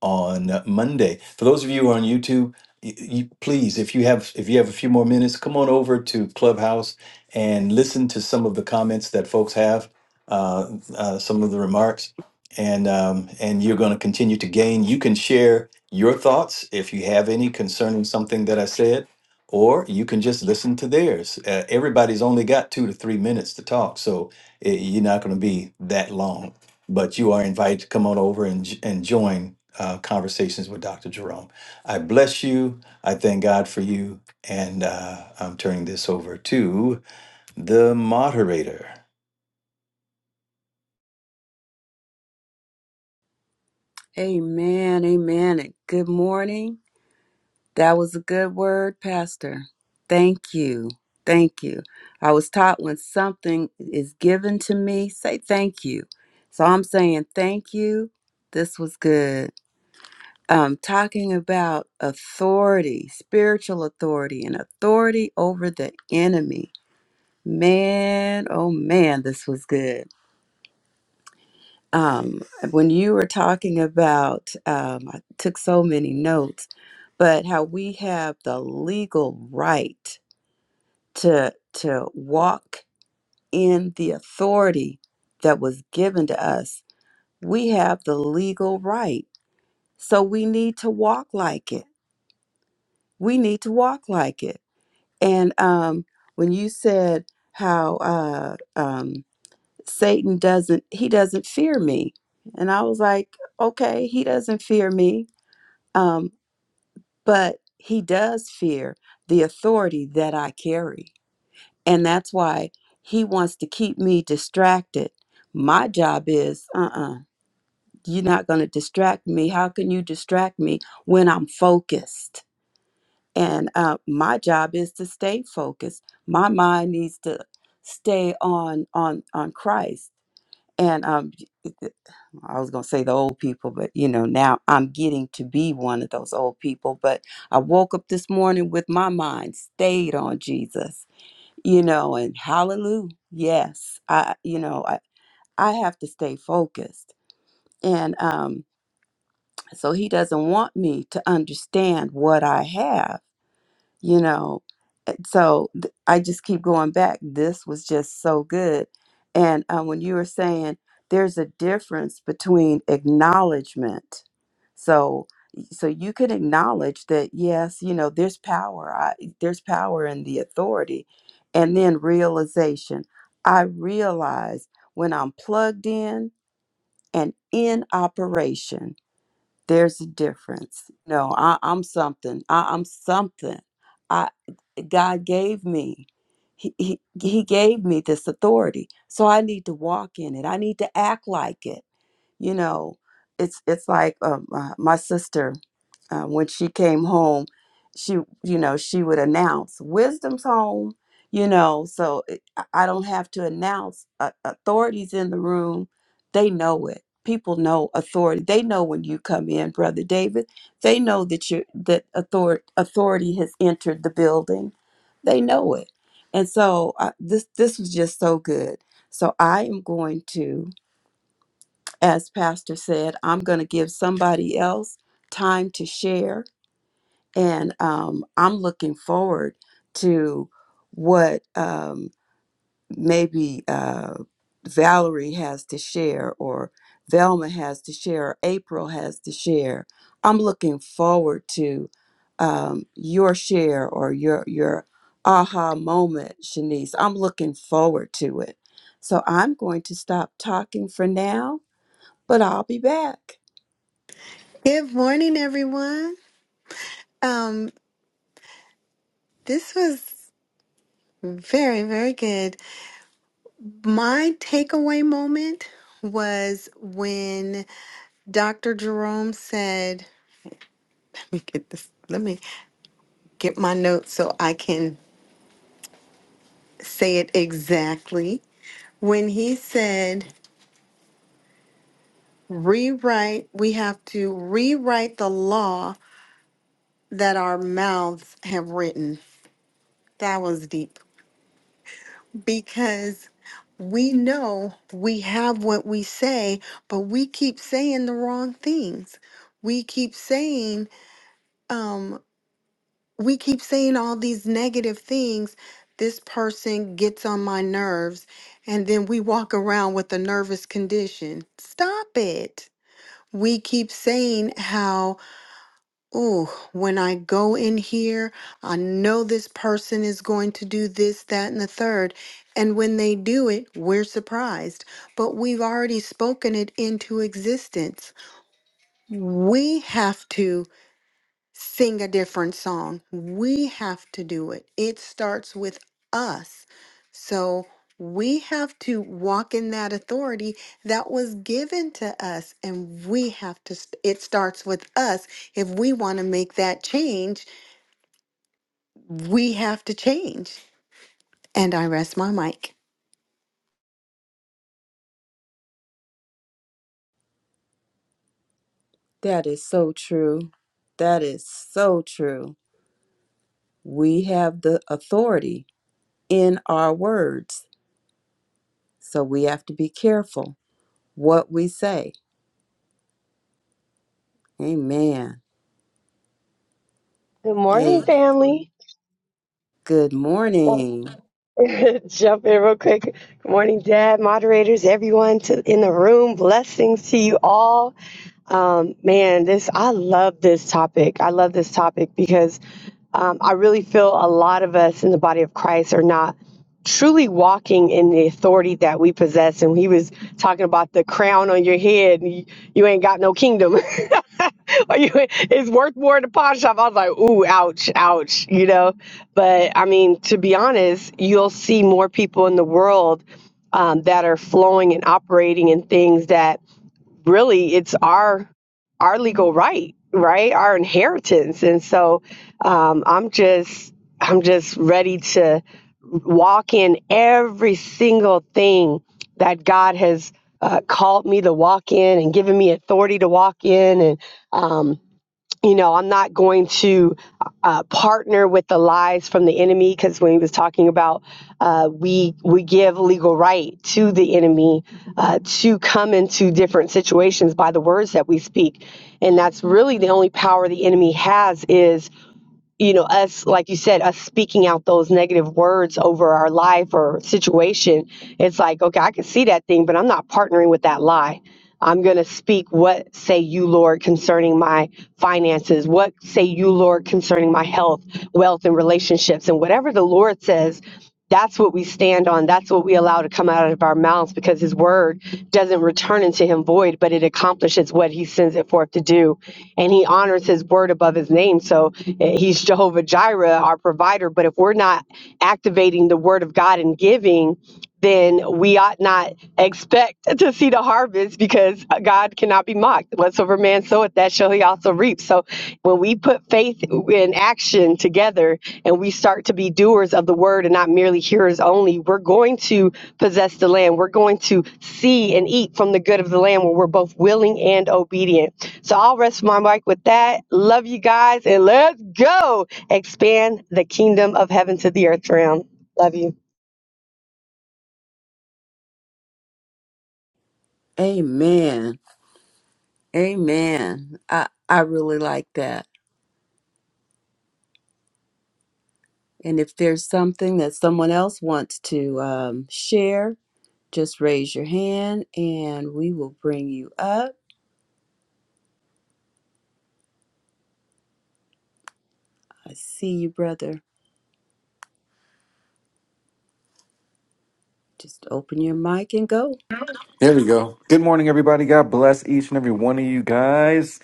Speaker 3: on Monday. For those of you who are on YouTube, y- you, please, if you have if you have a few more minutes, come on over to Clubhouse and listen to some of the comments that folks have, uh, uh, some of the remarks, and um, and you're going to continue to gain. You can share your thoughts if you have any concerning something that I said. Or you can just listen to theirs. Uh, everybody's only got two to three minutes to talk, so eh, you're not going to be that long but you are invited to come on over and, j- and join uh, conversations with Dr. Jerome. I bless you. I thank God for you. And uh, I'm turning this over to the moderator.
Speaker 2: Amen. Amen. And Good morning. That was a good word, Pastor. Thank you. Thank you. I was taught when something is given to me, say thank you. So I'm saying thank you. This was good. um, talking about authority, spiritual authority, and authority over the enemy. Man, oh man, this was good. Um, when you were talking about, um, I took so many notes, but how we have the legal right to to walk in the authority that was given to us. We have the legal right, so we need to walk like it. We need to walk like it And um, when you said how uh, um, Satan doesn't, he doesn't fear me, and I was like, okay, he doesn't fear me, um, but he does fear the authority that I carry, and that's why he wants to keep me distracted. My job is, uh, uh-uh, uh, you are not going to distract me. How can you distract me when I'm focused? And uh, my job is to stay focused. My mind needs to stay on on on Christ. And um, I was gonna say the old people, but you know now I'm getting to be one of those old people. But I woke up this morning with my mind stayed on Jesus, you know, and hallelujah, yes, I you know I I have to stay focused, and um, so He doesn't want me to understand what I have, you know, so th- I just keep going back. This was just so good. And uh, when you were saying there's a difference between acknowledgement, so so you can acknowledge that yes, you know there's power. I, there's power in the authority, and then realization. I realize when I'm plugged in and in operation there's a difference. No, I, I'm something. I, I'm something. I God gave me. He, he, he gave me this authority. So I need to walk in it. I need to act like it you know it's it's like um, uh, my sister uh, when she came home she you know she would announce wisdom's home you know so it, i I don't have to announce uh, authorities in the room they know it people know authority they know when you come in brother david they know that you that author, authority has entered the building they know it and so uh, this this was just so good so i am going to as pastor said i'm going to give somebody else time to share and um, i'm looking forward to what um, maybe uh, valerie has to share or velma has to share or april has to share i'm looking forward to um, your share or your your aha moment shanice i'm looking forward to it so i'm going to stop talking for now but i'll be back
Speaker 1: Good morning, everyone. Um, this was very, very good. My takeaway moment was when Dr. Jerome said, let me get this, let me get my notes so I can say it exactly. When he said, rewrite, we have to rewrite the law that our mouths have written. That was deep because We know we have what we say, but we keep saying the wrong things. We keep saying, um, we keep saying all these negative things. This person gets on my nerves, and then we walk around with a nervous condition. Stop it. We keep saying how Ooh, when I go in here, I know this person is going to do this, that, and the third. And when they do it, we're surprised. But we've already spoken it into existence. We have to sing a different song. We have to do it. It starts with us. So we have to walk in that authority that was given to us. And we have to, st- it starts with us. If we want to make that change, we have to change. And I rest my mic.
Speaker 2: That is so true. That is so true. We have the authority in our words, so we have to be careful what we say. Amen.
Speaker 4: Good morning,
Speaker 2: Hey,
Speaker 4: family.
Speaker 2: good morning.
Speaker 4: Jump in real quick. Good morning, Dad, moderators, everyone to, in the room. Blessings to you all. Man, this I love this topic. I love this topic because um, I really feel a lot of us in the body of Christ are not truly walking in the authority that we possess. And he was talking about the crown on your head. and You, you ain't got no kingdom. or you, it's worth more at a pawn shop. I was like, ooh, ouch, ouch, you know. But I mean, to be honest, you'll see more people in the world um, that are flowing and operating in things that really it's our our legal right right our inheritance and so um, i'm just i'm just ready to walk in every single thing that god has uh, called me to walk in and given me authority to walk in and um, you know, I'm not going to uh, partner with the lies from the enemy because when he was talking about uh, we we give legal right to the enemy uh, to come into different situations by the words that we speak, and that's really the only power the enemy has is you know, us, like you said, us speaking out those negative words over our life or situation, it's like, okay, I can see that thing, but I'm not partnering with that lie. I'm going to speak what say you, Lord, concerning my finances. What say you, Lord, concerning my health, wealth, and relationships. And whatever the Lord says, that's what we stand on. That's what we allow to come out of our mouths because his word doesn't return into him void, but it accomplishes what he sends it forth to do. And he honors his word above his name. So eh, he's Jehovah Jireh, our provider. But if we're not activating the word of God and giving, then we ought not expect to see the harvest because God cannot be mocked. Whatsoever man soweth, that shall he also reap. So when we put faith in action together and we start to be doers of the word and not merely hearers only, we're going to possess the land. We're going to see and eat from the good of the land where we're both willing and obedient. So I'll rest my mic with that. Love you guys and let's go expand the kingdom of heaven to the earth realm. Love you.
Speaker 2: Amen. Amen. I, I really like that. And if there's something that someone else wants to um, share, just raise your hand and we will bring you up. I see you, brother. Just open your mic and go.
Speaker 5: There we go. Good morning, everybody. God bless each and every one of you guys.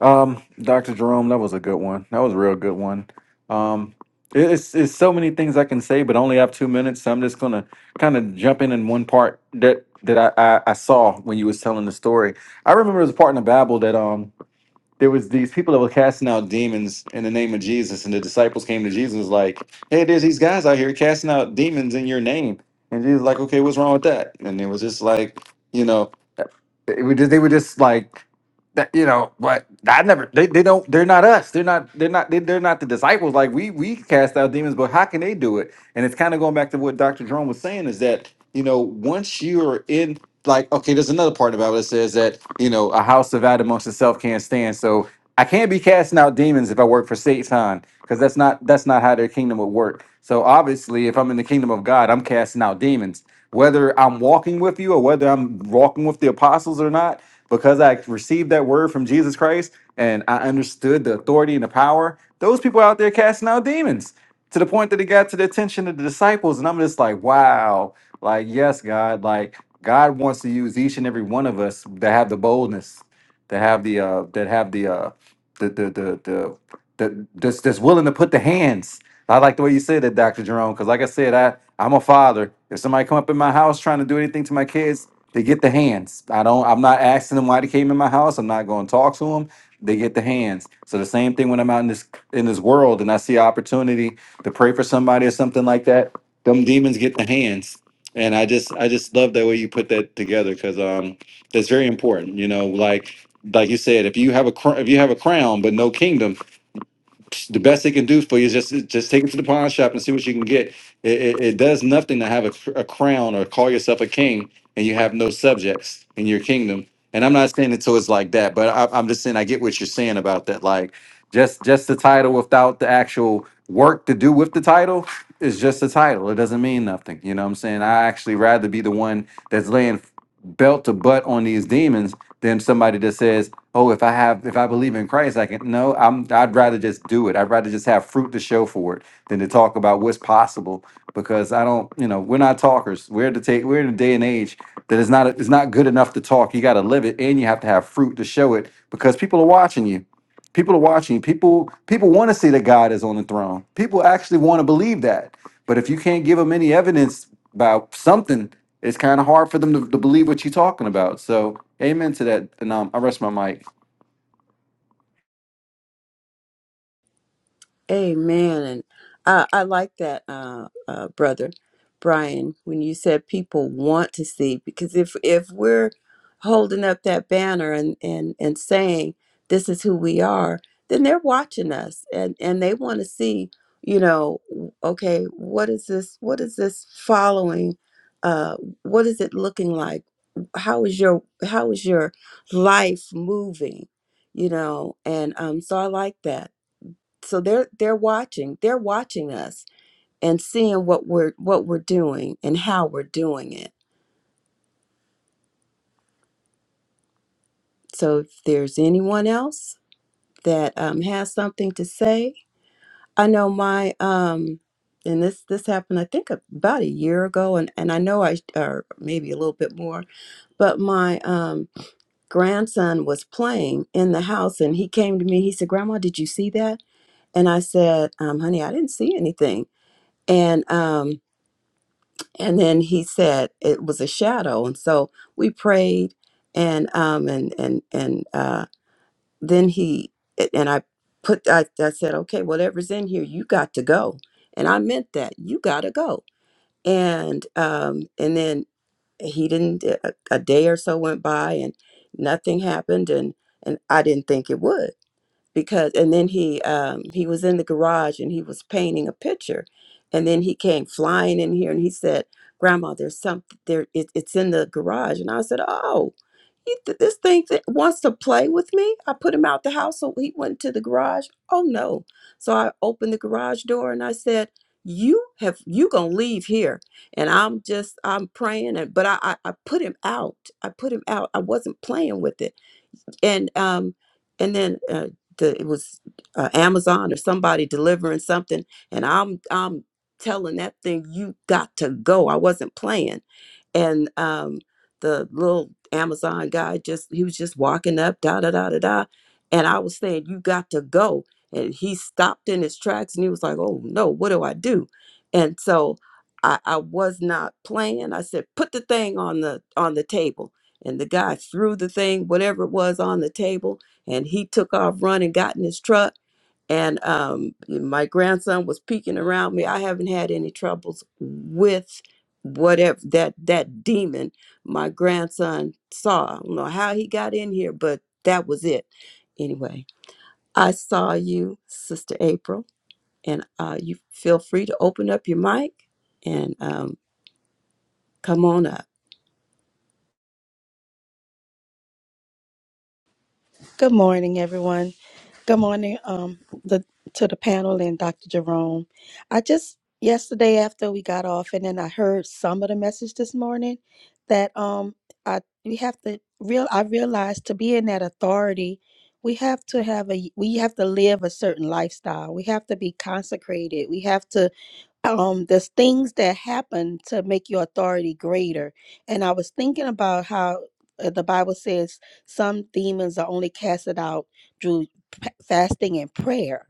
Speaker 5: Um, Dr. Jerome, that was a good one. That was a real good one. Um, it- it's, it's so many things I can say, but I only have two minutes, so I'm just gonna kind of jump in in one part that that I, I, I saw when you was telling the story. I remember it was a part in the Bible that um there was these people that were casting out demons in the name of Jesus, and the disciples came to Jesus and was like, "Hey, there's these guys out here casting out demons in your name," and Jesus was like, "Okay, what's wrong with that?" And it was just like, you know. They would, they were just like that, you know. But I never. They, they don't. They're not us. They're not. They're not. They, they're not the disciples. Like we we cast out demons, but how can they do it? And it's kind of going back to what Doctor Jerome was saying is that you know once you're in like okay, there's another part about it that says that you know a house divided amongst itself can't stand. So I can't be casting out demons if I work for Satan because that's not that's not how their kingdom would work. So obviously, if I'm in the kingdom of God, I'm casting out demons whether I'm walking with you or whether I'm walking with the apostles or not, because I received that word from Jesus Christ and I understood the authority and the power, those people out there casting out demons to the point that it got to the attention of the disciples. And I'm just like, wow, like, yes, God, like, God wants to use each and every one of us that have the boldness, that have the, uh, that have the, uh, the, the, the, the, the that's, that's willing to put the hands I like the way you said that, Dr. Jerome, because like I said, I, I'm a father. If somebody come up in my house trying to do anything to my kids, they get the hands. I don't I'm not asking them why they came in my house. I'm not going to talk to them. They get the hands. So the same thing when I'm out in this in this world and I see an opportunity to pray for somebody or something like that, them demons get the hands. And I just I just love that way you put that together because um that's very important. You know, like like you said, if you have a cr- if you have a crown but no kingdom, the best they can do for you is just just take it to the pawn shop and see what you can get. It, it, it does nothing to have a, cr- a crown or call yourself a king and you have no subjects in your kingdom. And I'm not saying it so it's like that, but I, I'm just saying I get what you're saying about that. Like just just the title without the actual work to do with the title is just a title. It doesn't mean nothing. You know what I'm saying? I actually rather be the one that's laying belt to butt on these demons than somebody that says oh, if I have, if I believe in Christ, I can. No, I'm. I'd rather just do it. I'd rather just have fruit to show for it than to talk about what's possible. Because I don't, you know, we're not talkers. We're to take. We're in a day and age that is not. It's not good enough to talk. You got to live it, and you have to have fruit to show it. Because people are watching you. People are watching. you. People. People want to see that God is on the throne. People actually want to believe that. But if you can't give them any evidence about something, it's kind of hard for them to, to believe what you're talking about. So, amen to that. And um, I rest my mic.
Speaker 2: Amen. And I, I like that, uh, uh, brother Brian, when you said people want to see, because if if we're holding up that banner and and and saying this is who we are, then they're watching us and and they want to see, you know, w- okay, what is this? What is this following? Uh, what is it looking like? How is your how is your life moving? You know, and um, so I like that so they're they're watching they're watching us and seeing what we're what we're doing and how we're doing it so if there's anyone else that um, has something to say i know my um and this this happened i think about a year ago and and i know i or maybe a little bit more but my um grandson was playing in the house and he came to me he said grandma did you see that and i said um honey i didn't see anything and um and then he said it was a shadow and so we prayed and um and and and uh then he and i put i, I said okay whatever's in here you got to go and i meant that you got to go and um and then he didn't a, a day or so went by and nothing happened and and i didn't think it would because and then he um he was in the garage and he was painting a picture and then he came flying in here and he said grandma there's something there it, it's in the garage and i said oh you th- this thing th- wants to play with me i put him out the house so he went to the garage oh no so i opened the garage door and i said you have you gonna leave here and i'm just i'm praying and but i i, I put him out i put him out i wasn't playing with it and um and then uh, the it was uh, Amazon or somebody delivering something, and I'm I'm telling that thing you got to go. I wasn't playing, and um the little Amazon guy just he was just walking up da da da da da, and I was saying you got to go, and he stopped in his tracks and he was like, oh no, what do I do? And so. I, I was not playing. I said, put the thing on the on the table and the guy threw the thing, whatever it was, on the table, and he took off running, got in his truck. And um, my grandson was peeking around me. I haven't had any troubles with whatever that that demon my grandson saw. I don't know how he got in here, but that was it. Anyway, I saw you, Sister April, and uh, you feel free to open up your mic and um, come on up.
Speaker 6: Good morning, everyone. Good morning, um, the to the panel and Dr. Jerome. I just yesterday after we got off, and then I heard some of the message this morning that um, I we have to real I realized to be in that authority, we have to have a we have to live a certain lifestyle. We have to be consecrated. We have to um there's things that happen to make your authority greater and i was thinking about how uh, the bible says some demons are only casted out through p- fasting and prayer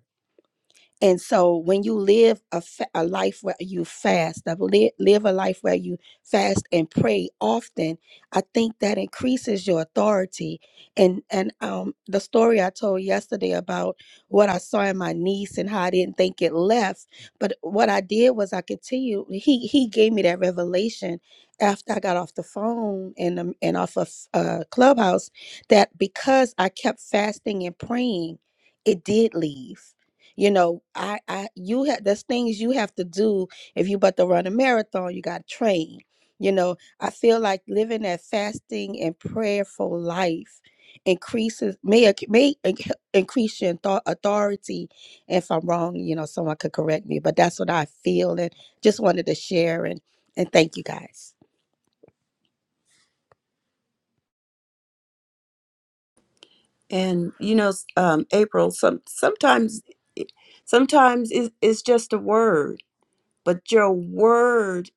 Speaker 6: and so when you live a, fa- a life where you fast, that li- live a life where you fast and pray often, I think that increases your authority. And and um the story I told yesterday about what I saw in my niece and how I didn't think it left, but what I did was I continued. He he gave me that revelation after I got off the phone and um, and off of uh, Clubhouse that because I kept fasting and praying, it did leave you know i i you have there's things you have to do if you about to run a marathon you got to train you know i feel like living that fasting and prayerful life increases may ac- may inc- increase your author- authority if i'm wrong you know someone could correct me but that's what i feel and just wanted to share and and thank you guys
Speaker 2: And you know, s- um, April, some sometimes Sometimes it- it's just a word, but your word,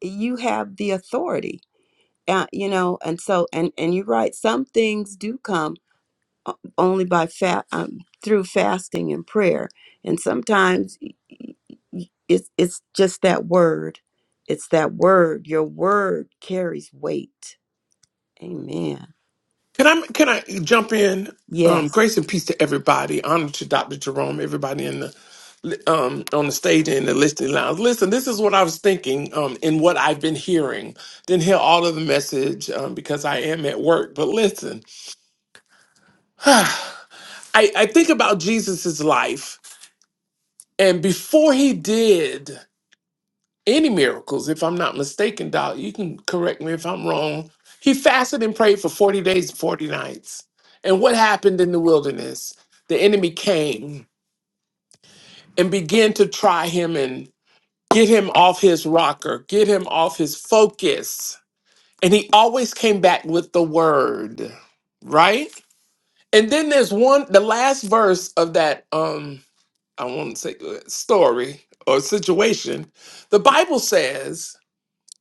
Speaker 2: you have the authority, uh, you know. And so, and and you're right. Some things do come o- only by fat um, through fasting and prayer, and sometimes y- it's it's just that word. It's that word. Your word carries weight. Amen.
Speaker 7: Can I can I jump in? Um,
Speaker 2: Yes.
Speaker 7: grace and peace to everybody. Honor to Dr. Jerome, everybody in the um, on the stage and in the listening lounge. Listen, this is what I was thinking um, and what I've been hearing. Didn't hear all of the message um, because I am at work. But listen, I, I think about Jesus's life, and before he did. any miracles, if I'm not mistaken, Doc. You can correct me if I'm wrong. He fasted and prayed for 40 days and 40 nights. And what happened in the wilderness? The enemy came and began to try him and get him off his rocker, get him off his focus. And he always came back with the word, right? And then there's one, the last verse of that, um, I won't say uh, story or situation. The Bible says,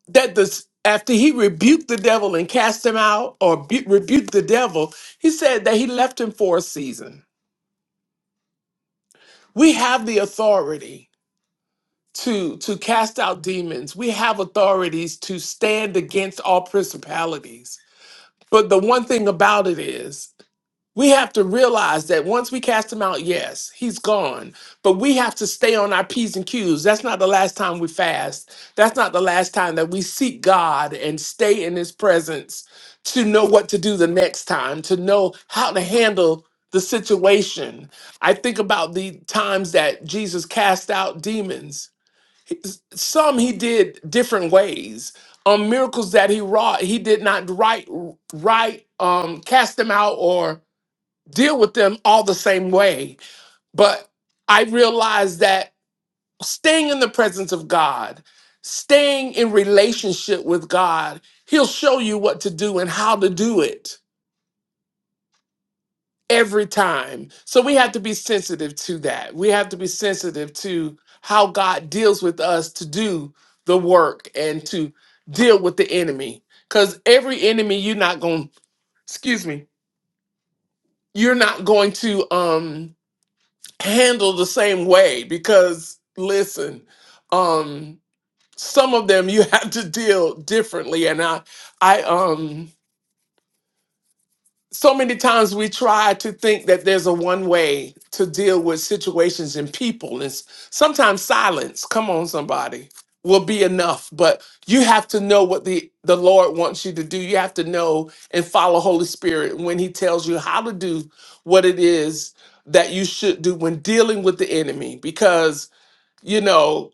Speaker 7: that this after he rebuked the devil and cast him out or bu- rebuked the devil he said that he left him for a season we have the authority to to cast out demons we have authorities to stand against all principalities but the one thing about it is We have to realize that once we cast him out, yes, he's gone. But we have to stay on our P's and Q's. That's not the last time we fast. That's not the last time that we seek God and stay in his presence to know what to do the next time, to know how to handle the situation. I think about the times that Jesus cast out demons. Some he did different ways. Um, miracles that he wrought, he did not right, right, um, cast them out or deal with them all the same way. But I realized that staying in the presence of God, staying in relationship with God, He'll show you what to do and how to do it every time. So we have to be sensitive to that. We have to be sensitive to how God deals with us to do the work and to deal with the enemy. Because every enemy you're not going, excuse me, you're not going to um handled the same way because listen um some of them you have to deal differently and i i um so many times we try to think that there's a one way to deal with situations and people and s- sometimes silence come on somebody will be enough but you have to know what the the lord wants you to do you have to know and follow holy spirit when he tells you how to do what it is that you should do when dealing with the enemy because you know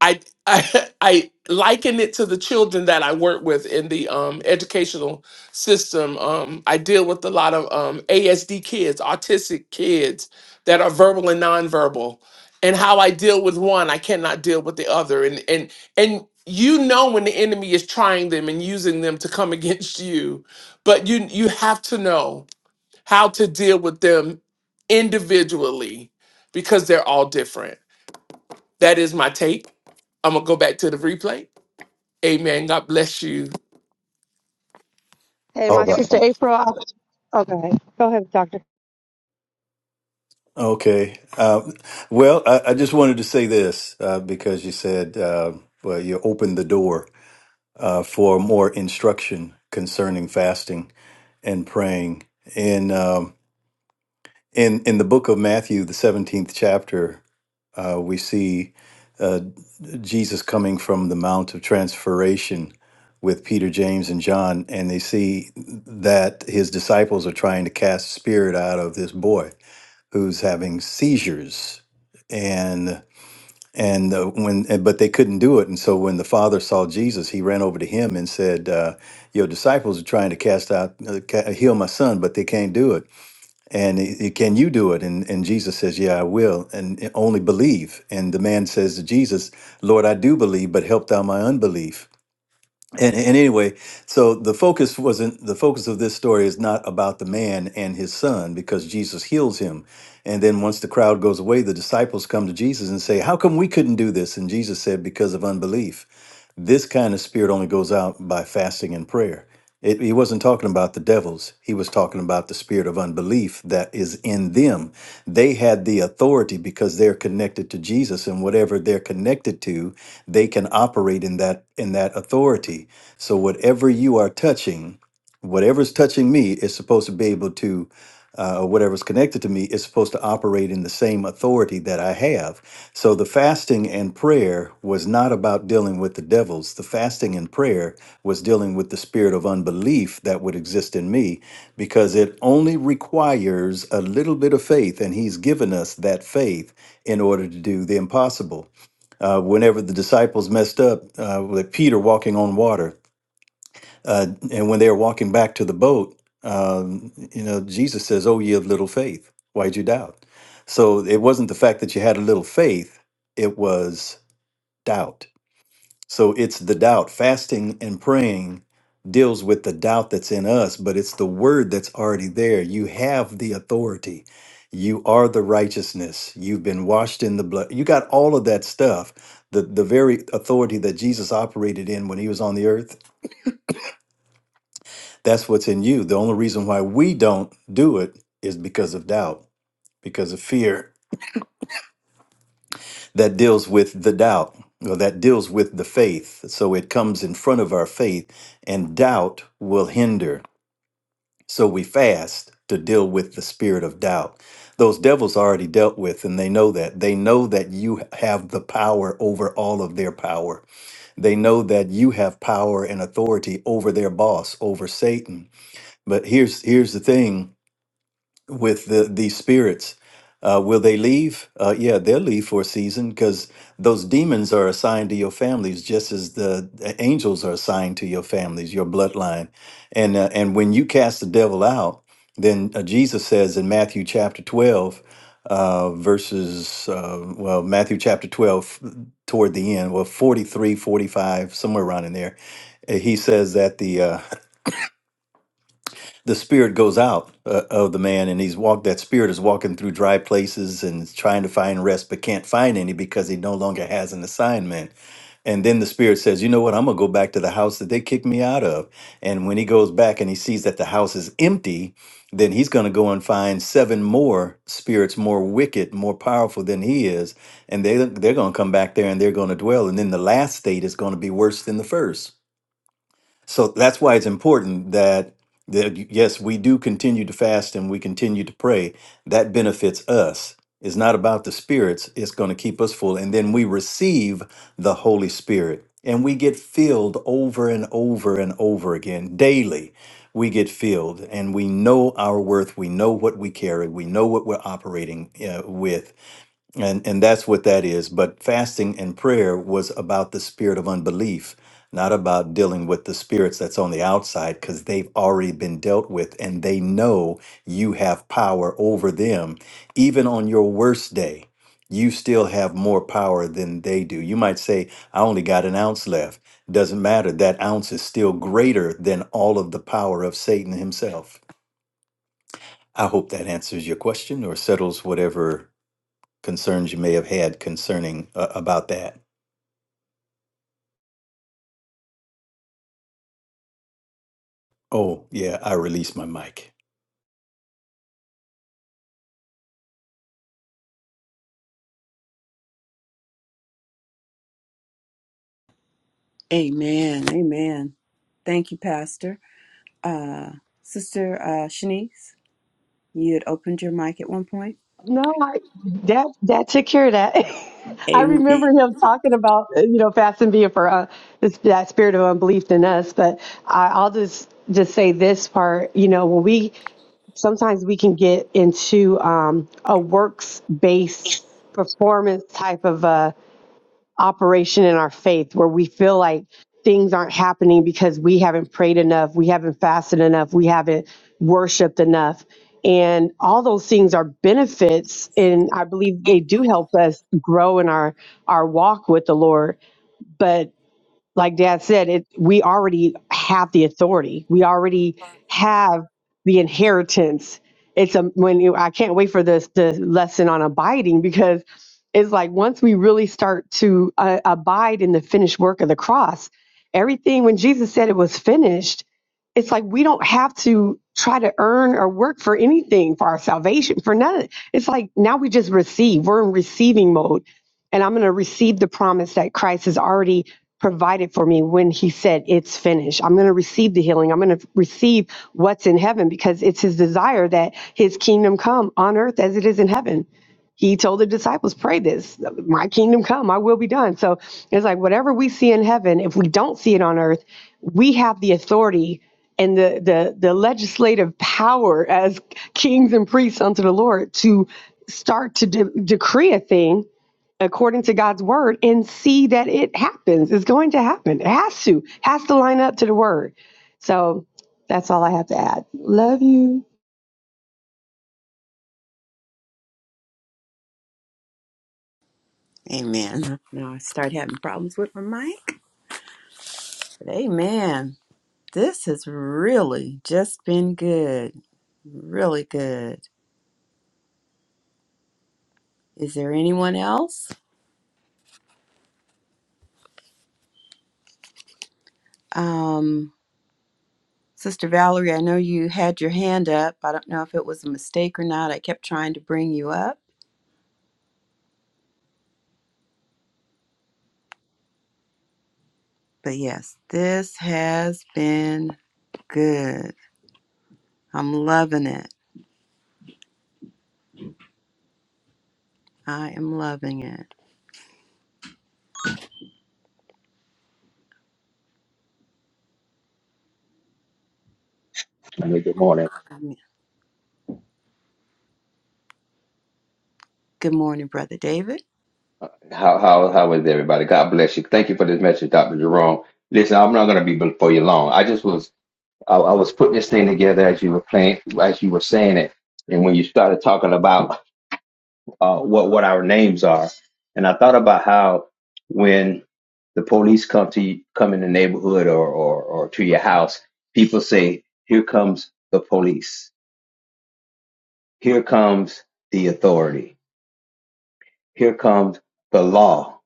Speaker 7: i i i liken it to the children that i work with in the um, educational system um, i deal with a lot of um, asd kids autistic kids that are verbal and nonverbal and how i deal with one i cannot deal with the other and and and you know when the enemy is trying them and using them to come against you but you you have to know how to deal with them individually because they're all different that is my take. I'm gonna go back to the replay. Amen. God bless you.
Speaker 4: Hey,
Speaker 3: All
Speaker 4: my
Speaker 3: right.
Speaker 4: sister April, Okay, go ahead, doctor.
Speaker 3: Okay. Uh, well, I, I just wanted to say this uh, because you said, uh, well, you opened the door uh, for more instruction concerning fasting and praying. In in the book of Matthew, the seventeenth chapter, uh, we see uh, Jesus coming from the Mount of Transfiguration with Peter, James, and John, and they see that his disciples are trying to cast spirit out of this boy who's having seizures, and and uh, when and- but they couldn't do it, and so when the father saw Jesus, he ran over to him and said, uh, "Your disciples are trying to cast out uh, ca- heal my son, but they can't do it." and he- he, can you do it and, and jesus says yeah i will and and only believe and the man says to jesus lord i do believe but help thou my unbelief and, and anyway so the focus wasn't the focus of this story is not about the man and his son because jesus heals him and then once the crowd goes away the disciples come to jesus and say how come we couldn't do this and jesus said because of unbelief this kind of spirit only goes out by fasting and prayer. It, he wasn't talking about the devils. He was talking about the spirit of unbelief that is in them. They had the authority because they're connected to Jesus, and whatever they're connected to, they can operate in that in that authority. So whatever you are touching, whatever's touching me is supposed to be able to uh, or whatever's connected to me is supposed to operate in the same authority that I have. So the fasting and prayer was not about dealing with the devils. The fasting and prayer was dealing with the spirit of unbelief that would exist in me because it only requires a little bit of faith, and He's given us that faith in order to do the impossible. Uh, whenever the disciples messed up, uh, with Peter walking on water, uh, and when they were walking back to the boat, um, you know, Jesus says, "Oh, ye of little faith, why'd you doubt?" So it wasn't the fact that you had a little faith; it was doubt. So it's the doubt. Fasting and praying deals with the doubt that's in us, but it's the word that's already there. You have the authority. You are the righteousness. You've been washed in the blood. You got all of that stuff. The the very authority that Jesus operated in when he was on the earth That's what's in you. The only reason why we don't do it is because of doubt, because of fear that deals with the doubt or that deals with the faith. So it comes in front of our faith, and doubt will hinder. So we fast to deal with the spirit of doubt. Those devils are already dealt with, and they know that. They know that you have the power over all of their power. They know that you have power and authority over their boss, over Satan. But here's here's the thing with the these spirits. Uh, will they leave? Uh, yeah, they'll leave for a season because those demons are assigned to your families, just as the the angels are assigned to your families, your bloodline. And uh, and when you cast the devil out, then uh, Jesus says in Matthew chapter twelve, uh, verses uh, well, Matthew chapter twelve toward the end, well, 43 45 somewhere around in there, uh, he says that the uh, the spirit goes out uh, of the man and he's walked that spirit is walking through dry places and is trying to find rest but can't find any because he no longer has an assignment and then the spirit says you know what i'm going to go back to the house that they kicked me out of and when he goes back and he sees that the house is empty then he's going to go and find seven more spirits more wicked more powerful than he is and they they're going to come back there and they're going to dwell and then the last state is going to be worse than the first so that's why it's important that that yes, we do continue to fast and we continue to pray. That benefits us. It's not about the spirits. It's going to keep us full, and then we receive the Holy Spirit, and we get filled over and over and over again daily. We get filled, and we know our worth. We know what we carry. We know what we're operating uh, with and and that's what that is. But fasting and prayer was about the spirit of unbelief, not about dealing with the spirits that's on the outside cuz they've already been dealt with and they know you have power over them even on your worst day. You still have more power than they do. You might say I only got an ounce left. Doesn't matter. That ounce is still greater than all of the power of Satan himself. I hope that answers your question or settles whatever concerns you may have had concerning uh, about that. Oh, yeah, I released my mic.
Speaker 2: Amen. Amen. Thank you, Pastor. Uh, Sister uh, Shanice, you had opened your mic at one point.
Speaker 4: No, I, that that took care of that. I
Speaker 2: Amen.
Speaker 4: remember him talking about uh, you know fasting being for uh, this, that spirit of unbelief in us. But I, I'll just just say this part. You know, when we sometimes we can get into um, a works based performance type of uh, operation in our faith where we feel like things aren't happening because we haven't prayed enough, we haven't fasted enough, we haven't worshiped enough. And all those things are benefits and I believe they do help us grow in our our walk with the Lord. but like dad said it we already have the authority we already have the inheritance it's a when you, i can't wait for this the lesson on abiding because it's like once we really start to uh, abide in the finished work of the cross everything when jesus said it was finished it's like we don't have to try to earn or work for anything for our salvation for none of it. it's like now we just receive we're in receiving mode and I'm going to receive the promise that Christ has already provided for me when he said it's finished. I'm going to receive the healing. I'm going to receive what's in heaven because it's his desire that his kingdom come on earth as it is in heaven. He told the disciples, pray this, my kingdom come, my will be done. So it's like whatever we see in heaven, if we don't see it on earth, we have the authority and the the the legislative power as kings and priests unto the Lord to start to de- decree a thing according to God's word and see that it happens. It's going to happen. It has to, has to line up to the word. So that's all I have to add. Love you.
Speaker 2: Amen. Now I start having problems with my mic. But amen. This has really just been good. Really good. Is there anyone else? Um, Sister Valerie, I know you had your hand up. I don't know if it was a mistake or not. I kept trying to bring you up. But yes, this has been good. I'm loving it. I am loving it.
Speaker 8: Hey, Good morning.
Speaker 2: Good morning, Brother David.
Speaker 8: How how how is everybody? God bless you. Thank you for this message, Dr. Jerome. Listen, I'm not going to be before you long. I just was I, I was putting this thing together as you were playing, as you were saying it, and when you started talking about uh, what what our names are, and I thought about how when the police come to you, come in the neighborhood or, or or to your house, people say, "Here comes the police. Here comes the authority. Here comes the law."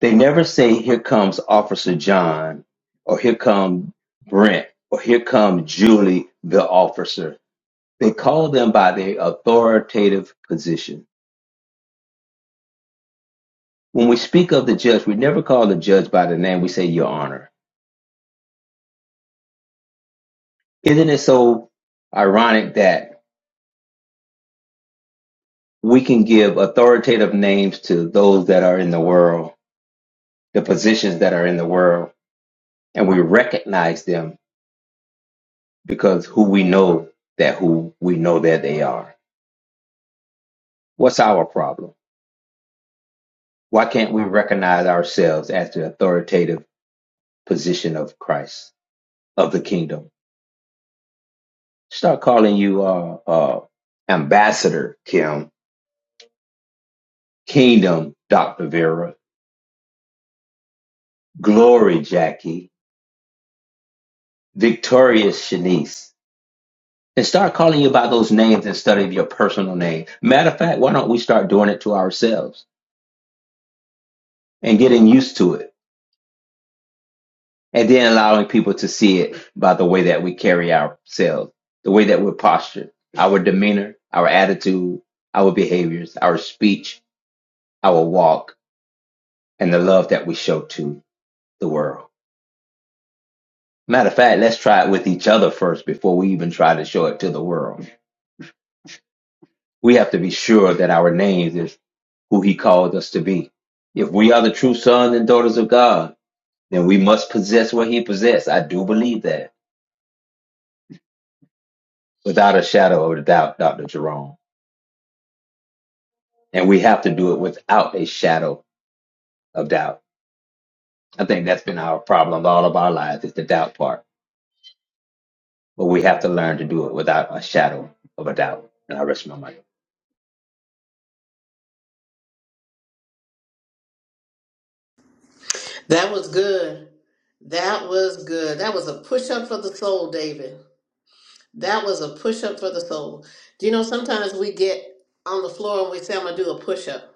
Speaker 8: They never say, here comes Officer John, or here come Brent, or here come Julie, the officer. They call them by their authoritative position. When we speak of the judge, we never call the judge by the name. We say, Your Honor. Isn't it so ironic that we can give authoritative names to those that are in the world, the positions that are in the world, and we recognize them because who we know that who we know that they are. What's our problem? Why can't we recognize ourselves as the authoritative position of Christ, of the kingdom? Start calling you uh, uh, Ambassador Kim, Kingdom Dr. Vera, Glory Jackie, Victorious Shanice. And start calling you by those names instead of your personal name. Matter of fact, why don't we start doing it to ourselves and getting used to it? and then allowing people to see it by the way that we carry ourselves, the way that we're postured, our demeanor, our attitude, our behaviors, our speech, our walk, and the love that we show to the world. Matter of fact, let's try it with each other first before we even try to show it to the world. We have to be sure that our names is who he called us to be. If we are the true sons and daughters of God, then we must possess what he possessed. I do believe that without a shadow of a doubt, Dr. Jerome. And we have to do it without a shadow of doubt. I think that's been our problem all of our lives is the doubt part. But we have to learn to do it without a shadow of a doubt. And I rest my mind.
Speaker 9: That was good. That was good. That was a push up for the soul, David. That was a push up for the soul. Do you know sometimes we get on the floor and we say, I'm going to do a push up.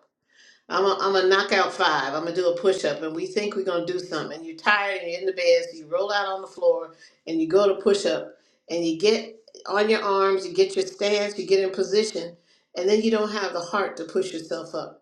Speaker 9: I'm going I'm to knock out five. I'm going to do a push up. And we think we're going to do something. And you're tired and you're in the bed. So you roll out on the floor and you go to push up and you get on your arms, you get your stance, you get in position. And then you don't have the heart to push yourself up.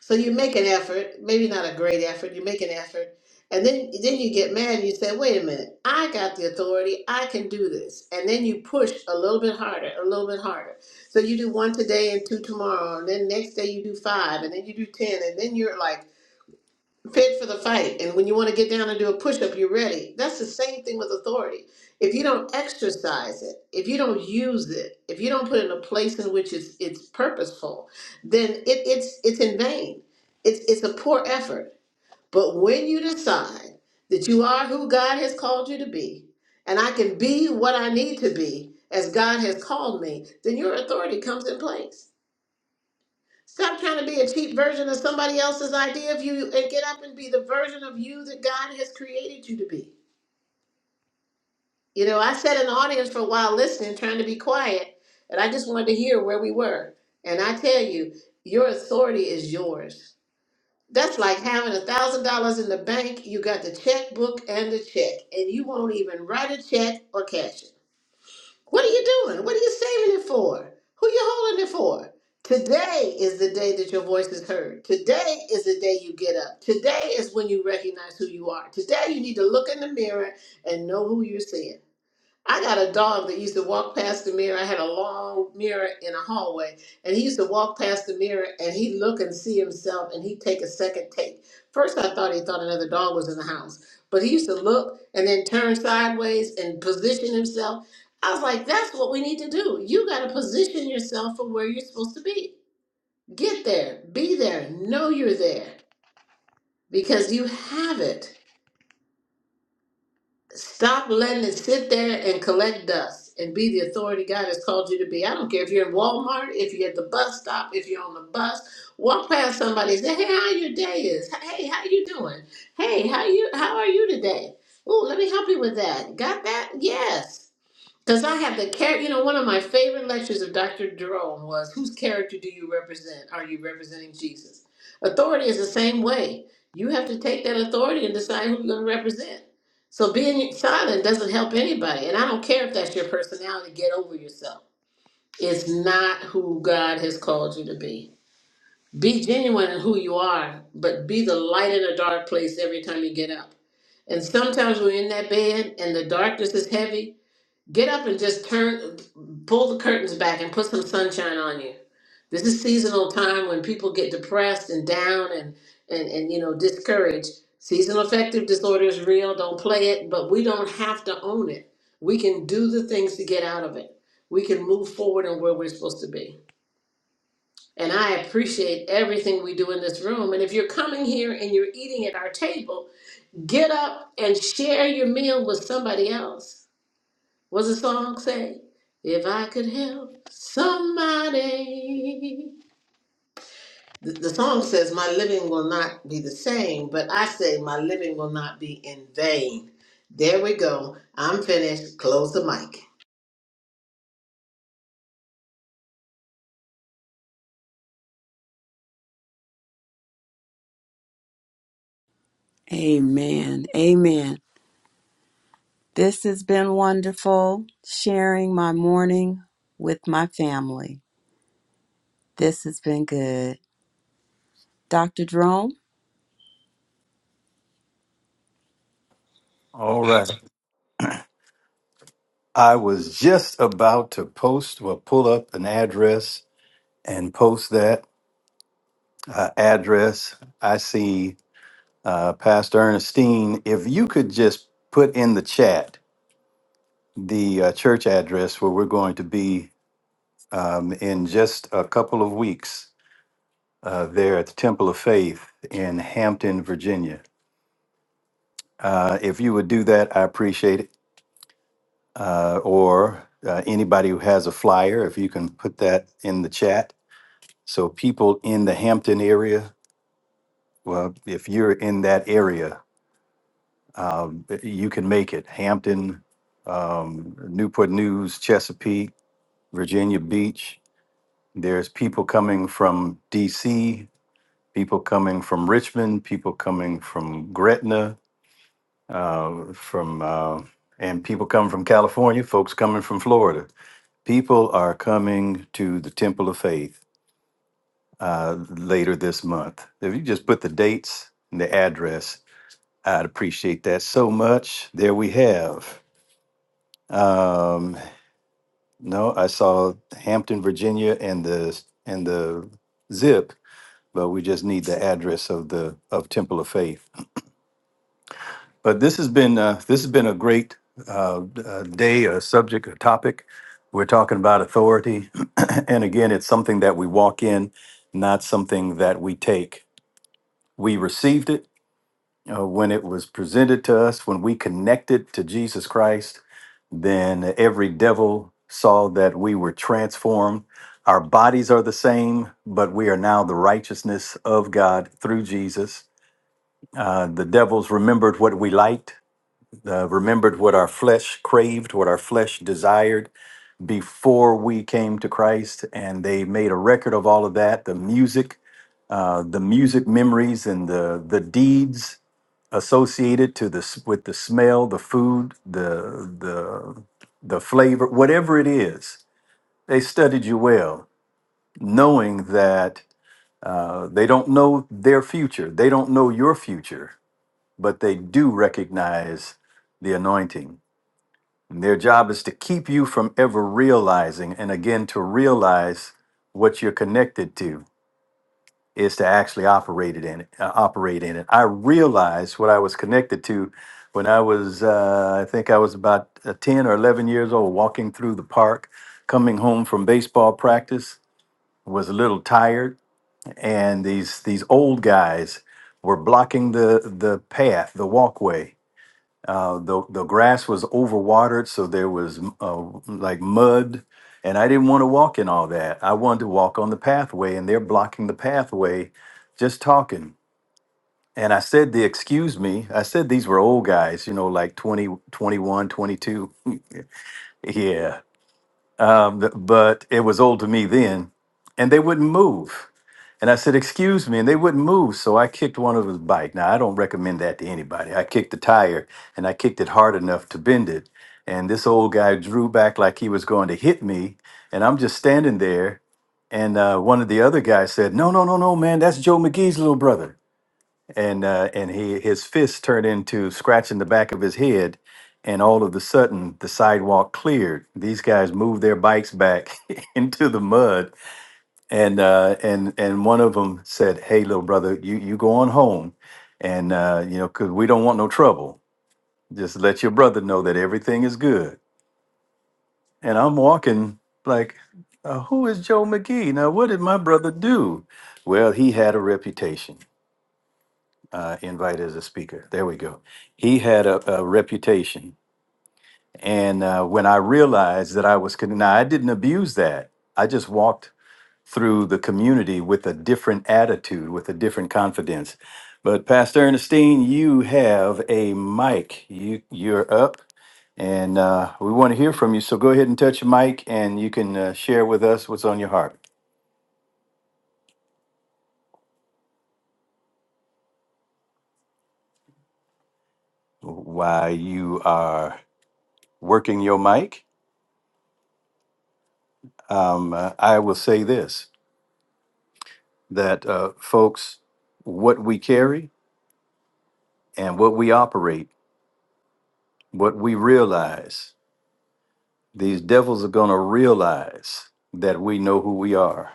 Speaker 9: So you make an effort, maybe not a great effort, you make an effort, and then then you get mad and you say, wait a minute, I got the authority, I can do this. And then you push a little bit harder, a little bit harder. So you do one today and two tomorrow, and then next day you do five, and then you do ten, and then you're like fit for the fight. And when you want to get down and do a push up, you're ready. That's the same thing with authority. If you don't exercise it, if you don't use it, if you don't put it in a place in which it's it's purposeful, then it, it's it's in vain. It's it's a poor effort. But when you decide that you are who God has called you to be, and I can be what I need to be as God has called me, then your authority comes in place. Stop trying to be a cheap version of somebody else's idea of you and get up and be the version of you that God has created you to be. You know, I sat in the audience for a while listening, trying to be quiet, and I just wanted to hear where we were. And I tell you, your authority is yours. That's like having a thousand dollars in the bank. You got the checkbook and the check, and you won't even write a check or cash it. What are you doing? What are you saving it for? Who you holding it for? Today is the day that your voice is heard. Today is the day you get up. Today is when you recognize who you are. Today you need to look in the mirror and know who you're seeing. I got a dog that used to walk past the mirror. I had a long mirror in a hallway, and he used to walk past the mirror and he'd look and see himself and he'd take a second take. First, I thought he thought another dog was in the house, but he used to look and then turn sideways and position himself. I was like, that's what we need to do. You got to position yourself for where you're supposed to be. Get there, be there, know you're there because you have it. Stop letting it sit there and collect dust and be the authority God has called you to be. I don't care if you're in Walmart, if you're at the bus stop, if you're on the bus. Walk past somebody and say, Hey, how your day is? Hey, how you doing? Hey, how you how are you today? Oh, let me help you with that. Got that? Yes. Because I have the character, you know, one of my favorite lectures of Dr. Jerome was Whose character do you represent? Are you representing Jesus? Authority is the same way. You have to take that authority and decide who you're going to represent. So being silent doesn't help anybody. And I don't care if that's your personality, get over yourself. It's not who God has called you to be. Be genuine in who you are, but be the light in a dark place every time you get up. And sometimes we're in that bed and the darkness is heavy Get up and just turn, pull the curtains back and put some sunshine on you. This is seasonal time when people get depressed and down and, and, and you know, discouraged. Seasonal affective disorder is real. Don't play it, but we don't have to own it. We can do the things to get out of it. We can move forward on where we're supposed to be. And I appreciate everything we do in this room. And if you're coming here and you're eating at our table, get up and share your meal with somebody else What's the song say? If I could help somebody. The, the song says, My living will not be the same, but I say, My living will not be in vain. There we go. I'm finished. Close the mic.
Speaker 2: Amen. Amen. This has been wonderful sharing my morning with my family. This has been good. Dr. Jerome?
Speaker 3: All right. I was just about to post or pull up an address and post that uh, address. I see uh, Pastor Ernestine. If you could just put in the chat the uh, church address where we're going to be um, in just a couple of weeks uh, there at the Temple of Faith in Hampton, Virginia. Uh, if you would do that, I appreciate it. uh, or uh, anybody who has a flyer, if you can put that in the chat. So, people in the Hampton area, well, if you're in that area, um, you can make it. Hampton, um, Newport News, Chesapeake, Virginia Beach. There's people coming from DC, people coming from Richmond, people coming from Gretna, uh, from uh, and people coming from California, folks coming from Florida. People are coming to the Temple of Faith uh, later this month. If you just put the dates and the address, I'd appreciate that so much. There we have. Um, no, I saw Hampton, Virginia, and the and the zip, but we just need the address of the of Temple of Faith. But this has been uh, this has been a great uh, uh, day, a subject, a topic. We're talking about authority, and again, it's something that we walk in, not something that we take. We received it uh, when it was presented to us, when we connected to Jesus Christ. Then every devil saw that we were transformed. Our bodies are the same, but we are now the righteousness of God through Jesus. Uh, the devils remembered what we liked uh, remembered what our flesh craved, what our flesh desired before we came to Christ, and they made a record of all of that. The music, uh, the music memories, and the the deeds associated to this with the smell, the food, the the the flavor, whatever it is, they studied you well, knowing that uh, they don't know their future, they don't know your future, but they do recognize the anointing and their job is to keep you from ever realizing, and again, to realize what you're connected to is to actually operate it in it, uh, operate in it. I realized what I was connected to when I was, uh, I think I was about uh, 10 or 11 years old, walking through the park, coming home from baseball practice, was a little tired, and these these old guys were blocking the the path, the walkway, uh, the the grass was overwatered, so there was uh, like mud, and I didn't want to walk in all that. I wanted to walk on the pathway, and they're blocking the pathway, just talking. And I said, "The excuse me." I said these were old guys, you know, like 20, 21, twenty-two. yeah, um, th- but it was old to me then, and they wouldn't move. And I said, Excuse me. And they wouldn't move. So I kicked one of his bike. Now, I don't recommend that to anybody. I kicked the tire and I kicked it hard enough to bend it. And this old guy drew back like he was going to hit me. And I'm just standing there. And uh, one of the other guys said, No, no, no, no, man. That's Joe McGee's little brother. And, uh, and he, his fist turned into scratching the back of his head. And all of a sudden, the sidewalk cleared. These guys moved their bikes back into the mud and uh, and and one of them said, "Hey, little brother, you you go on home, and uh, you know, 'cause we don't want no trouble. Just let your brother know that everything is good." And I'm walking like, uh, "Who is Joe McGee? Now, what did my brother do?" Well, he had a reputation. Uh, invited as a speaker. There we go. He had a, a reputation, and uh, when I realized that I was con- now, I didn't abuse that. I just walked through the community with a different attitude, with a different confidence. But Pastor Ernestine, you have a mic. You you're up, and uh, we want to hear from you. So go ahead and touch your mic, and you can uh, share with us what's on your heart. While you are working your mic, um, uh, I will say this: that uh, folks, what we carry and what we operate, what we realize. These devils are going to realize that we know who we are,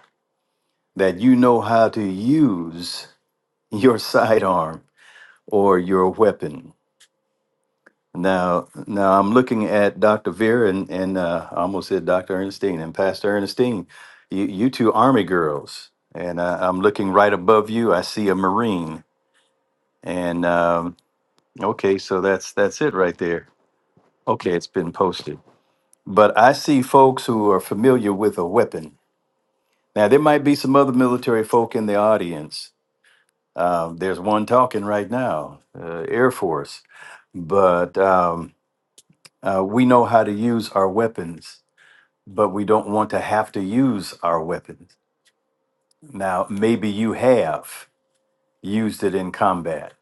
Speaker 3: that you know how to use your sidearm or your weapon. Now, now I'm looking at Dr. Vera and, and uh, I almost said Dr. Ernestine and Pastor Ernestine. You, you two Army girls, and uh, I'm looking right above you. I see a Marine, and um, okay, so that's that's it right there. Okay, it's been posted, but I see folks who are familiar with a weapon Now, there might be some other military folk in the audience. Um, there's one talking right now, uh, Air Force. But um, uh, we know how to use our weapons, but we don't want to have to use our weapons. Now, maybe you have used it in combat.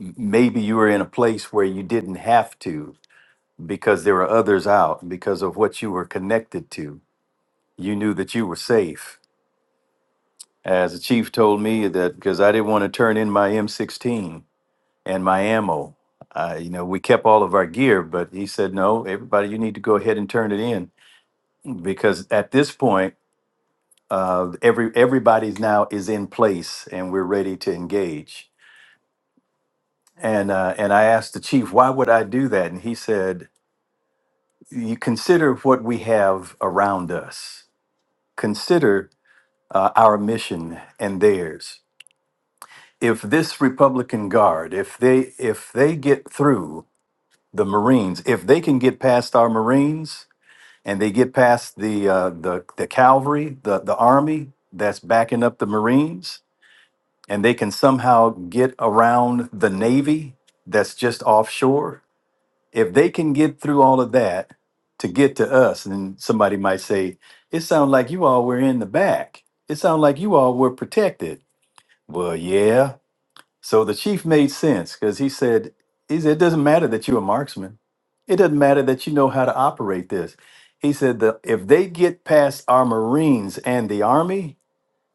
Speaker 3: M- Maybe you were in a place where you didn't have to because there were others out, because of what you were connected to. You knew that you were safe as the chief told me that because I didn't want to turn in my M16. and my ammo. Uh, you know, we kept all of our gear, but he said, "No, everybody, you need to go ahead and turn it in because at this point, uh, every everybody's now is in place and we're ready to engage." And uh, and I asked the chief, "Why would I do that?" And he said, "You consider what we have around us. Consider uh, our mission and theirs. If this Republican Guard, if they if they get through the Marines, if they can get past our Marines." and they get past the uh, the the cavalry, the the army that's backing up the Marines, and they can somehow get around the Navy that's just offshore. If they can get through all of that to get to us, and somebody might say, "It sounds like you all were in the back. It sounds like you all were protected." Well, yeah, so the chief made sense because he said, he said, it doesn't matter that you're a marksman. It doesn't matter that you know how to operate this. He said that if they get past our Marines and the Army,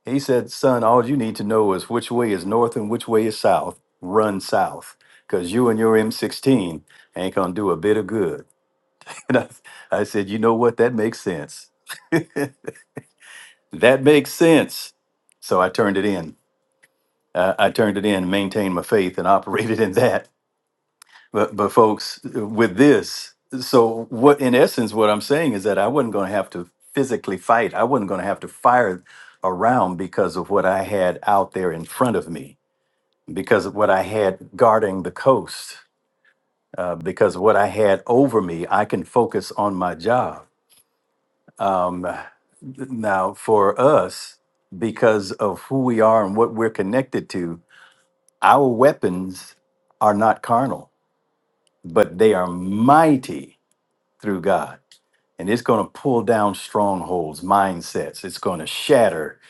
Speaker 3: he said, son, all you need to know is which way is north and which way is south. Run south because you and your M16 ain't going to do a bit of good. And I, I said, you know what? That makes sense. That makes sense. So I turned it in. Uh, I turned it in, maintained my faith, and operated in that But but folks, with this, so what in essence what I'm saying is that I wasn't going to have to physically fight. I wasn't going to have to fire around because of what I had out there in front of me, because of what I had guarding the coast, uh, because of what I had over me. I can focus on my job. Um, now, for us, because of who we are and what we're connected to, our weapons are not carnal, but they are mighty through God. And it's going to pull down strongholds, mindsets. It's going to shatter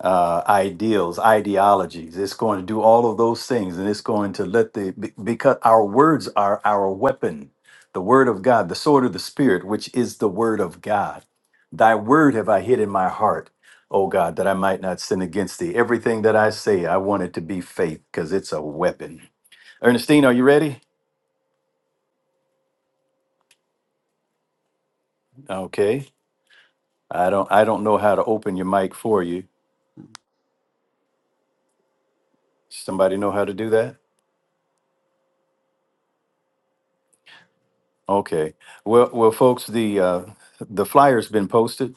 Speaker 3: uh, ideals, ideologies. It's going to do all of those things. And it's going to let the, be- because our words are our weapon, the word of God, the sword of the Spirit, which is the word of God. Thy word have I hid in my heart, O God, that I might not sin against thee. Everything that I say, I want it to be faith because it's a weapon. Ernestine, are you ready? Okay. I don't I don't know how to open your mic for you. Somebody know how to do that? Okay. Well, well, folks, the uh, the flyer's been posted.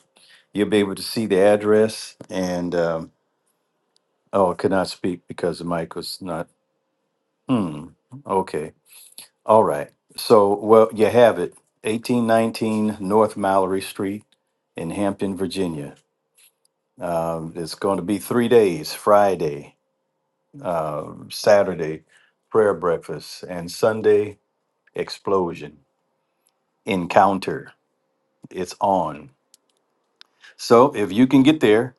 Speaker 3: You'll be able to see the address. And um, oh, I could not speak because the mic was not. Hmm. Okay. All right. So, well, you have it. 1819 North Mallory Street in Hampton, Virginia. Um, it's going to be three days: Friday, uh, Saturday, prayer breakfast, and Sunday explosion encounter. It's on. So if you can get there,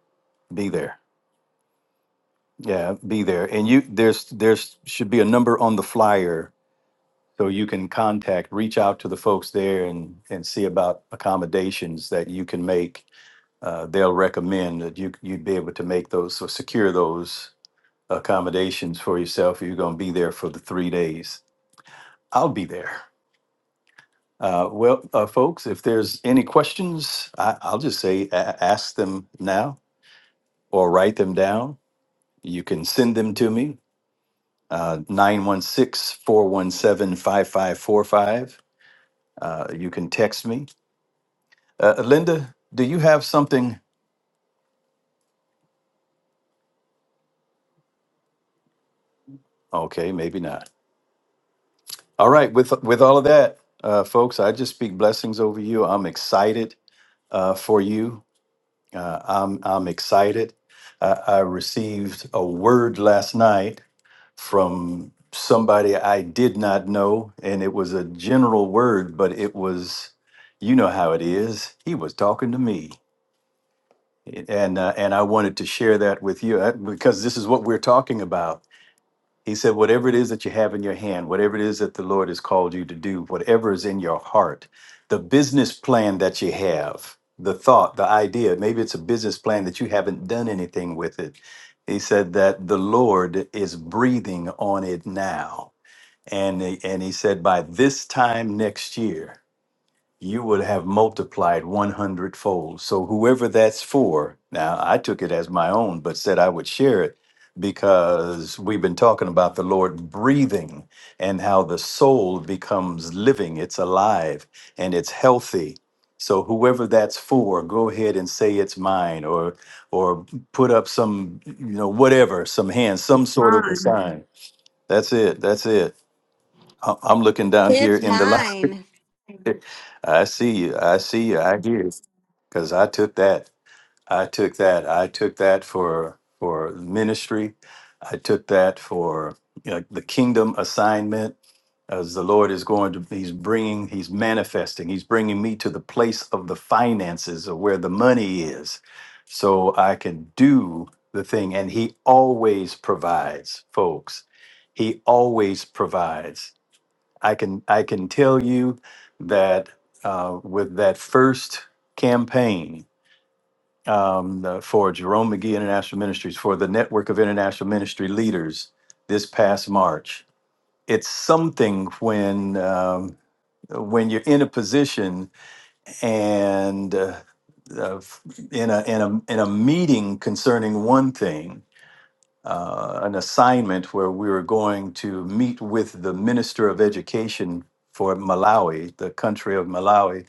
Speaker 3: be there. Yeah, be there. And you there's there's should be a number on the flyer so you can contact, reach out to the folks there and and see about accommodations that you can make. Uh, they'll recommend that you you'd be able to make those or secure those accommodations for yourself. You're going to be there for the three days. I'll be there. Uh, well, uh, folks, if there's any questions, I, I'll just say a- ask them now or write them down. You can send them to me uh, Nine one six four one seven five five four five. Uh, You can text me. Uh, uh, Linda, do you have something? Okay, maybe not. All right, with with all of that, uh, folks, I just speak blessings over you. I'm excited uh, for you. Uh, I'm I'm excited. Uh, I received a word last night from somebody I did not know, and it was a general word, but it was, you know how it is. He was talking to me and uh, and I wanted to share that with you uh, because this is what we're talking about. He said, whatever it is that you have in your hand, whatever it is that the Lord has called you to do, whatever is in your heart, the business plan that you have, the thought, the idea, maybe it's a business plan that you haven't done anything with it. He said that the Lord is breathing on it now. And, he- and he said, by this time next year, you would have multiplied 100 fold. So whoever that's for, now I took it as my own, but said I would share it because we've been talking about the Lord breathing and how the soul becomes living, it's alive and it's healthy. So whoever that's for, go ahead and say it's mine or or put up some, you know, whatever, some hands, some
Speaker 2: It's
Speaker 3: sort of a
Speaker 2: mine.
Speaker 3: sign. That's it. That's it. I- I'm looking down here
Speaker 1: It's
Speaker 3: in the line.
Speaker 1: mine.
Speaker 3: I see you. I see you. I hear you. Because I took that. I took that. I took that for for ministry. I took that for you know, the kingdom assignment. As the Lord is going to, He's bringing, He's manifesting, He's bringing me to the place of the finances of where the money is, so I can do the thing. And He always provides, folks. He always provides. I can I can tell you that uh, with that first campaign um, the- for Jerome McGee International Ministries for the Network of International Ministry Leaders this past March, it's something when um, when you're in a position and uh, uh, in a in a in a meeting concerning one thing uh, an assignment where we were going to meet with the Minister of Education for Malawi, the country of Malawi,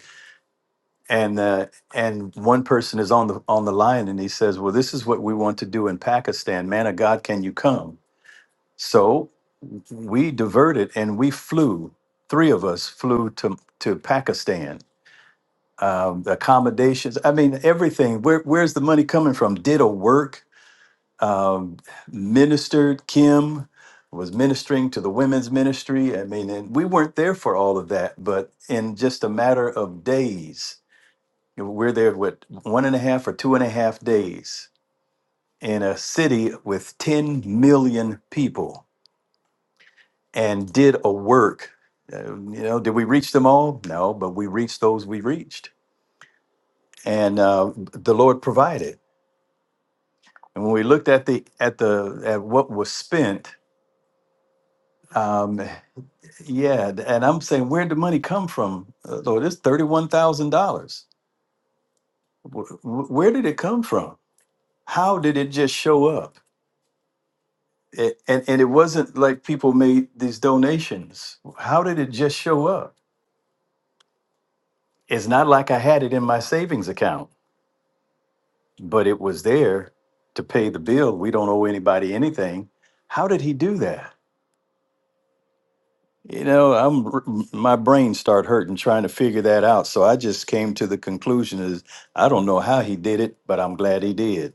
Speaker 3: and uh, and one person is on the on the line and he says, "Well, this is what we want to do in Pakistan. Man of God, can you come?" So we diverted and we flew. Three of us flew to to Pakistan. Um, the accommodations, I mean, everything. Where where's the money coming from? Did a work um, ministered. Kim was ministering to the women's ministry. I mean, and we weren't there for all of that, but in just a matter of days, we're there with one and a half or two and a half days in a city with 10 million people and did a work. Uh, you know, did we reach them all? No, but we reached those we reached. And uh, the Lord provided. And when we looked at the at the at what was spent, um, Yeah, th- and I'm saying, where'd the money come from? Uh, Lord, it's thirty-one thousand dollars. Where did it come from? How did it just show up? It, and and it wasn't like people made these donations. How did it just show up? It's not like I had it in my savings account, but it was there to pay the bill. We don't owe anybody anything. How did he do that? You know, I'm r- m- my brain start hurting trying to figure that out. So I just came to the conclusion is I don't know how he did it, but I'm glad he did.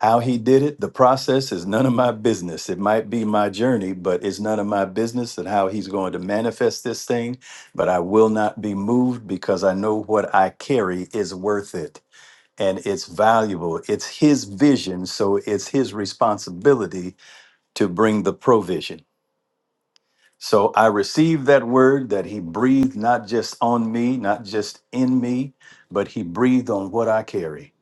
Speaker 3: How he did it, the process is none of my business. It might be my journey, but it's none of my business and how he's going to manifest this thing. But I will not be moved because I know what I carry is worth it and it's valuable. It's his vision, so it's his responsibility to bring the provision. So I received that word that he breathed not just on me, not just in me, but he breathed on what I carry.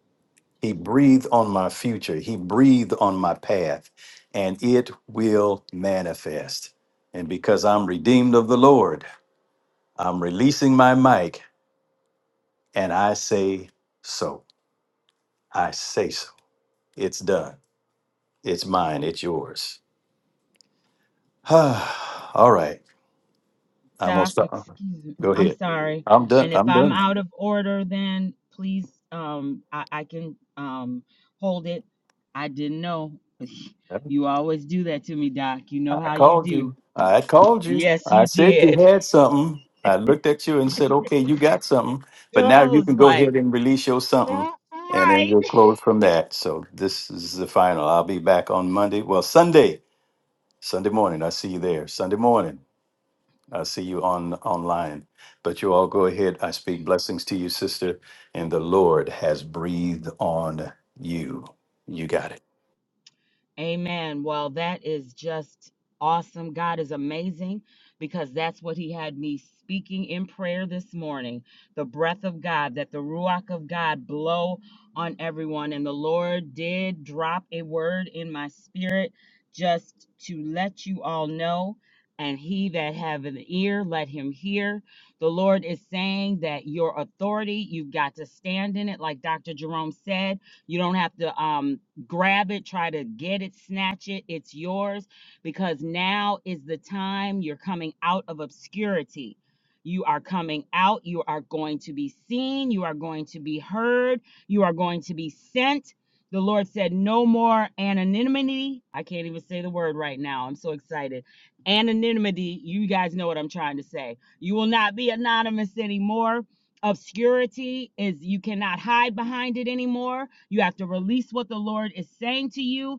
Speaker 3: He breathed on my future. He breathed on my path, and it will manifest. And because I'm redeemed of the Lord, I'm releasing my mic and I say so. I say so. It's done. It's mine. It's yours. All right. I'm going to
Speaker 10: Doc,
Speaker 3: stop.
Speaker 10: excuse me.
Speaker 3: Go
Speaker 10: I'm
Speaker 3: ahead.
Speaker 10: sorry.
Speaker 3: I'm done.
Speaker 10: And if
Speaker 3: I'm
Speaker 10: I'm
Speaker 3: done.
Speaker 10: out of order, then please, um, I, I can um hold it. I didn't know. You always do that to me, Doc. You know
Speaker 3: I
Speaker 10: how you
Speaker 3: called
Speaker 10: do.
Speaker 3: you. I called you.
Speaker 10: Yes,
Speaker 3: I
Speaker 10: you
Speaker 3: said you
Speaker 10: did.
Speaker 3: had something. I looked at you and said, okay, you got something. But now
Speaker 10: I
Speaker 3: you
Speaker 10: was
Speaker 3: can go ahead
Speaker 10: like,
Speaker 3: and release your something.
Speaker 10: "Mm,
Speaker 3: And then
Speaker 10: right.
Speaker 3: we'll close from that. So this is the final. I'll be back on Monday. Well, Sunday. Sunday morning. I'll see you there. Sunday morning. I'll see you on online. But you all go ahead. I speak blessings to you, sister. And the Lord has breathed on you. You got it.
Speaker 10: Amen. Well, that is just awesome. God is amazing because that's what He had me speaking in prayer this morning the breath of God, that the Ruach of God blow on everyone. And the Lord did drop a word in my spirit just to let you all know. And he that have an ear, let him hear. The Lord is saying that your authority, you've got to stand in it. Like Dr. Jerome said, you don't have to. Um, grab it, try to get it, snatch it. It's yours because now is the time you're coming out of obscurity. You are coming out. You are going to be seen. You are going to be heard. You are going to be sent. The Lord said, No more anonymity. I can't even say the word right now. I'm so excited. Anonymity. You guys know what I'm trying to say. You will not be anonymous anymore obscurity is you cannot hide behind it anymore you have to release what the lord is saying to you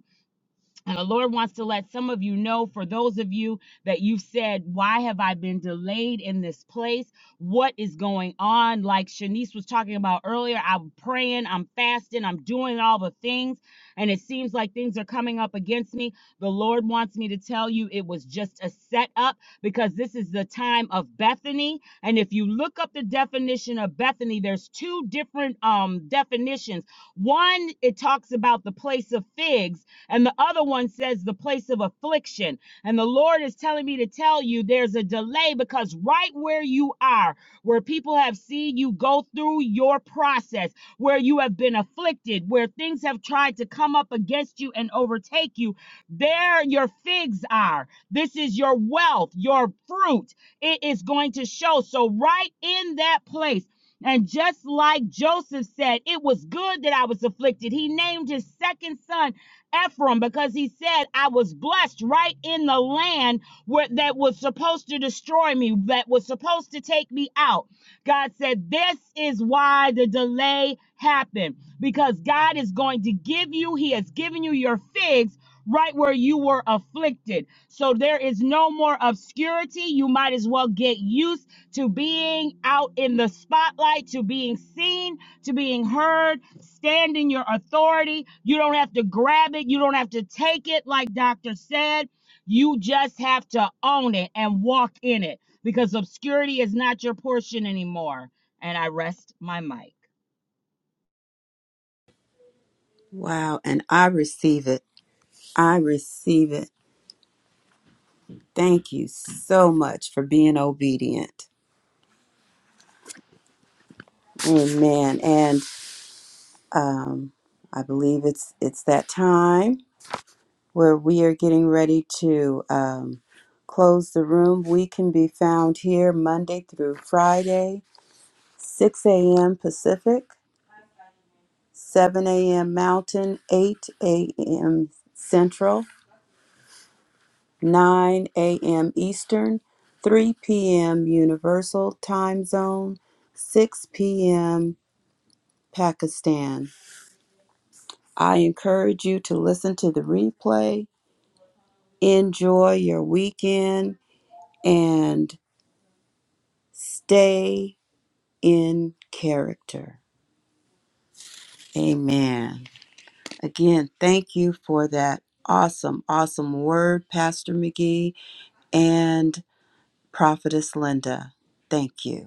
Speaker 10: and the Lord wants to let some of you know, for those of you that you've said, Why have I been delayed in this place? What is going on? Like Shanice was talking about earlier, I'm praying, I'm fasting, I'm doing all the things, and it seems like things are coming up against me. The Lord wants me to tell you it was just a setup because this is the time of Bethany. And if you look up the definition of Bethany, there's two different um, definitions. One, it talks about the place of figs and the other one says the place of affliction. And the Lord is telling me to tell you there's a delay because right where you are, where people have seen you go through your process, where you have been afflicted, where things have tried to come up against you and overtake you, there your figs are. This is your wealth, your fruit. It is going to show. So, right in that place, and just like Joseph said, it was good that I was afflicted. He named his second son Ephraim because he said, I was blessed right in the land where that was supposed to destroy me, that was supposed to take me out. God said, This is why the delay happened because God is going to give you, He has given you your figs right where you were afflicted. So there is no more obscurity. You might as well get used to being out in the spotlight, to being seen to being heard. Stand in your authority. You don't have to grab it, you don't have to take it, like Doctor said. You just have to own it and walk in it because obscurity is not your portion anymore. And I rest my mic.
Speaker 2: Wow. And I receive it. I receive it. Thank you so much for being obedient. Amen. And um, I believe it's it's that time where we are getting ready to um, close the room. We can be found here Monday through Friday. 6 a.m. Pacific, 7 a.m. Mountain, 8 a.m. Central, 9 a.m. Eastern, 3 p.m. Universal Time Zone, 6 p.m. Pakistan. I encourage you to listen to the replay, enjoy your weekend, and stay in character. Amen. Again, thank you for that awesome, awesome word, Pastor McGee and Prophetess Linda. Thank you.